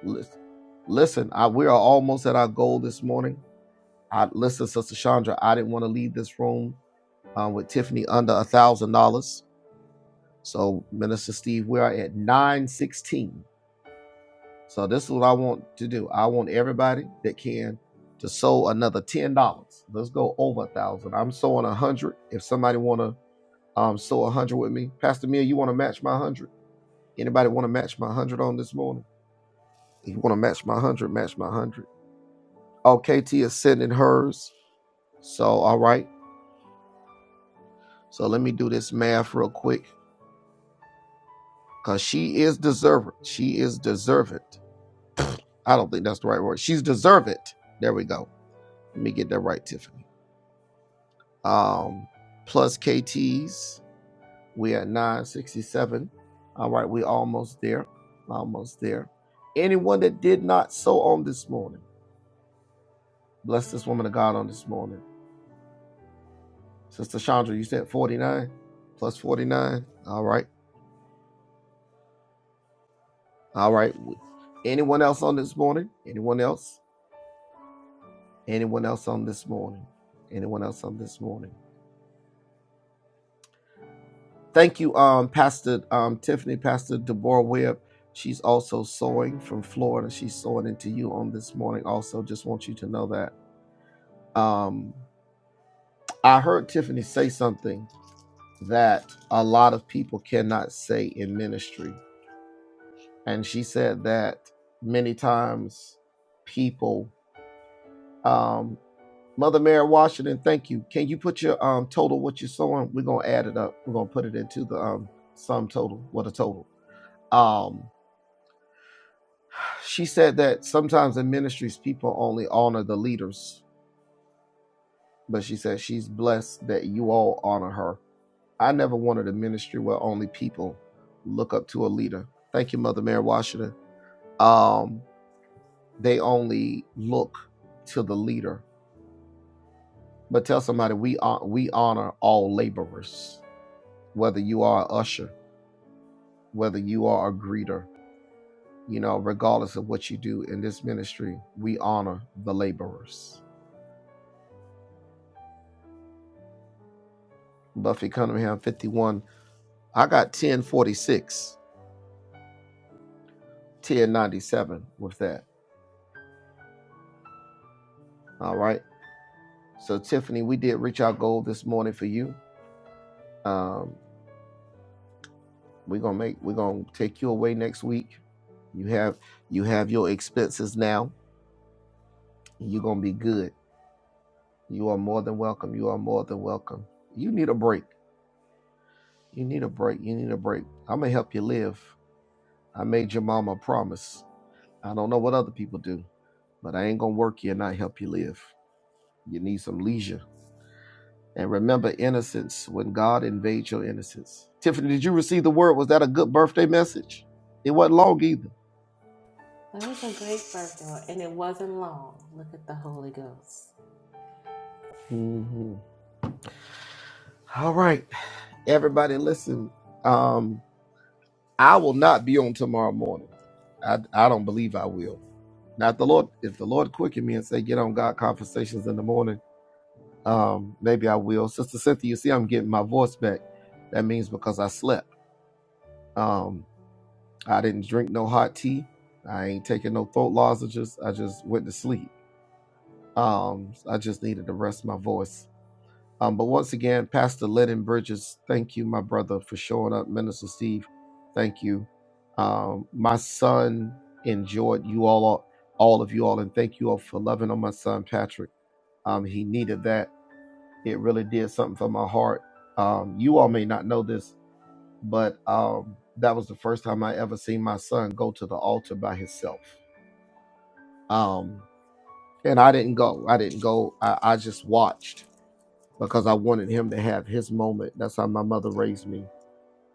A: Listen, listen I, we are almost at our goal this morning. I, listen, Sister Chandra, I didn't want to leave this room uh, with Tiffany under a thousand dollars. So, Minister Steve, we are at 916. So this is what I want to do. I want everybody that can to sow another ten dollars. Let's go over a thousand. I'm sowing a hundred. If somebody wanna um, sow a hundred with me, Pastor Mill, you want to match my hundred? Anybody want to match my hundred on this morning? If you want to match my hundred, match my hundred. Oh, KT is sending hers. So all right. So let me do this math real quick because she is deserving. She is deserving. I don't think that's the right word. She's deserving. There we go. Let me get that right, Tiffany. um, plus KTs. We at 967. All right, we almost there. Almost there. Anyone that did not sow on this morning, bless this woman of God on this morning. Sister Chandra, you said 49 plus 49. All right. All right. Anyone else on this morning? Anyone else? Anyone else on this morning? Anyone else on this morning? Thank you, um, Pastor um, Tiffany, Pastor Deborah Webb. She's also sewing from Florida. She's sewing into you on this morning. Also, just want you to know that um, I heard Tiffany say something that a lot of people cannot say in ministry, and she said that many times people. Um, Mother Mary Washington, thank you. Can you put your um, total what you're sewing? We're gonna add it up. We're gonna put it into the um, sum total. What a total. Um, She said that sometimes in ministries, people only honor the leaders, but she said she's blessed that you all honor her. I never wanted a ministry where only people look up to a leader. Thank you, Mother Mary Washington. Um, they only look to the leader. But tell somebody we hon- we honor all laborers, whether you are an usher, whether you are a greeter, you know, regardless of what you do in this ministry, we honor the laborers. Buffy Cunningham, 51 I got 1046, 1097 with that. All right. So Tiffany, we did reach our goal this morning for you. Um, we're gonna make we're gonna take you away next week. You have you have your expenses now. You're gonna be good. You are more than welcome. You are more than welcome. You need a break. You need a break. You need a break. I'm gonna help you live. I made your mama a promise. I don't know what other people do, but I ain't gonna work you and not help you live. You need some leisure. And remember innocence when God invades your innocence. Tiffany, did you receive the word? Was that a good birthday message? It wasn't long either.
E: That was a great birthday, and it wasn't long. Look at the Holy Ghost.
A: Mhm. All right, everybody, listen. Um, I will not be on tomorrow morning. I I don't believe I will. Now, if the Lord, if the Lord quicken me and say get on God conversations in the morning, um, maybe I will. Sister Cynthia, you see, I'm getting my voice back. That means because I slept. Um, I didn't drink no hot tea. I ain't taking no throat lozenges. I just went to sleep. Um, I just needed to rest my voice. Um, but once again, Pastor Lennon Bridges, thank you, my brother, for showing up. Minister Steve, thank you. Um, my son enjoyed you all, all of you all, and thank you all for loving on my son Patrick. Um, he needed that. It really did something for my heart. Um, you all may not know this, but um, that was the first time I ever seen my son go to the altar by himself. Um, and I didn't go. I didn't go. I, I just watched because I wanted him to have his moment. That's how my mother raised me.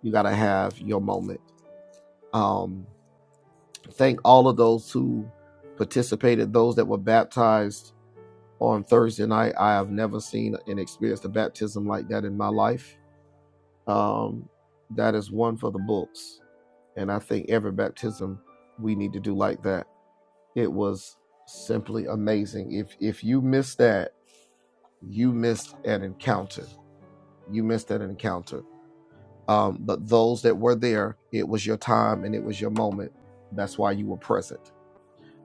A: You got to have your moment. Um, thank all of those who participated, those that were baptized on Thursday night. I have never seen and experienced a baptism like that in my life. Um, that is one for the books. And I think every baptism we need to do like that It was simply amazing. If if you missed that, you missed an encounter. You missed an encounter. Um, but those that were there, it was your time and it was your moment. That's why you were present.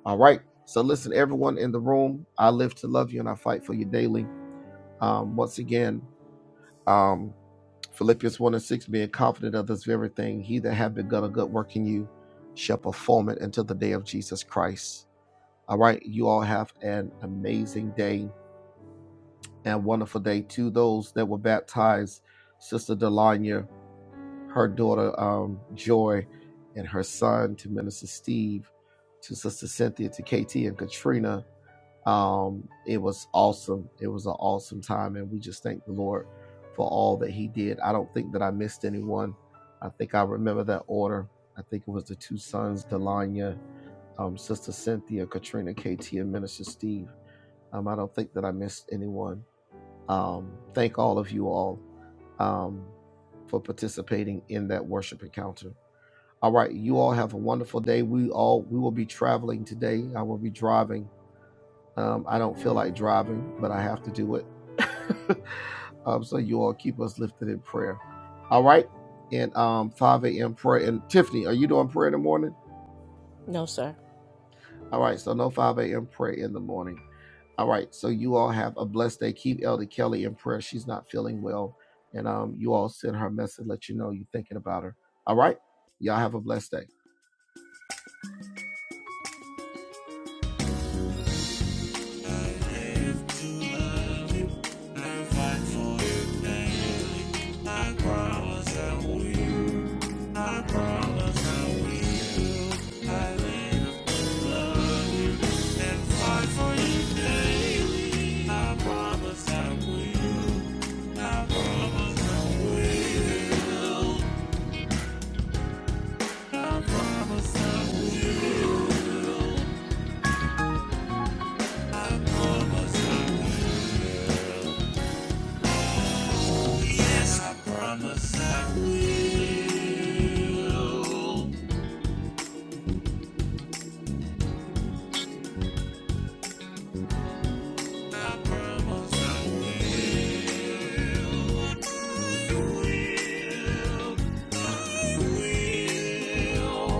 A: All right. So listen, everyone in the room, I live to love you and I fight for you daily. Um, once again, um, Philippians 1 and 6, being confident of this very thing, he that hath begun a good work in you shall perform it until the day of Jesus Christ. All right. You all have an amazing day and wonderful day to those that were baptized sister delanya her daughter um, joy and her son to minister steve to sister cynthia to kt and katrina um, it was awesome it was an awesome time and we just thank the lord for all that he did i don't think that i missed anyone i think i remember that order i think it was the two sons delanya um, sister cynthia katrina kt and minister steve um, i don't think that i missed anyone um, thank all of you all um, for participating in that worship encounter. All right, you all have a wonderful day. We all we will be traveling today. I will be driving. Um, I don't feel like driving, but I have to do it. um, so you all keep us lifted in prayer. All right, and um, 5 a.m. prayer. And Tiffany, are you doing prayer in the morning?
E: No, sir.
A: All right, so no 5 a.m. prayer in the morning. All right. So you all have a blessed day. Keep Elder Kelly in prayer. She's not feeling well. And um, you all send her a message, let you know you're thinking about her. All right. Y'all have a blessed day. Fight for your promise that we, I promise that we, fight for your promise that we, I promise that we will.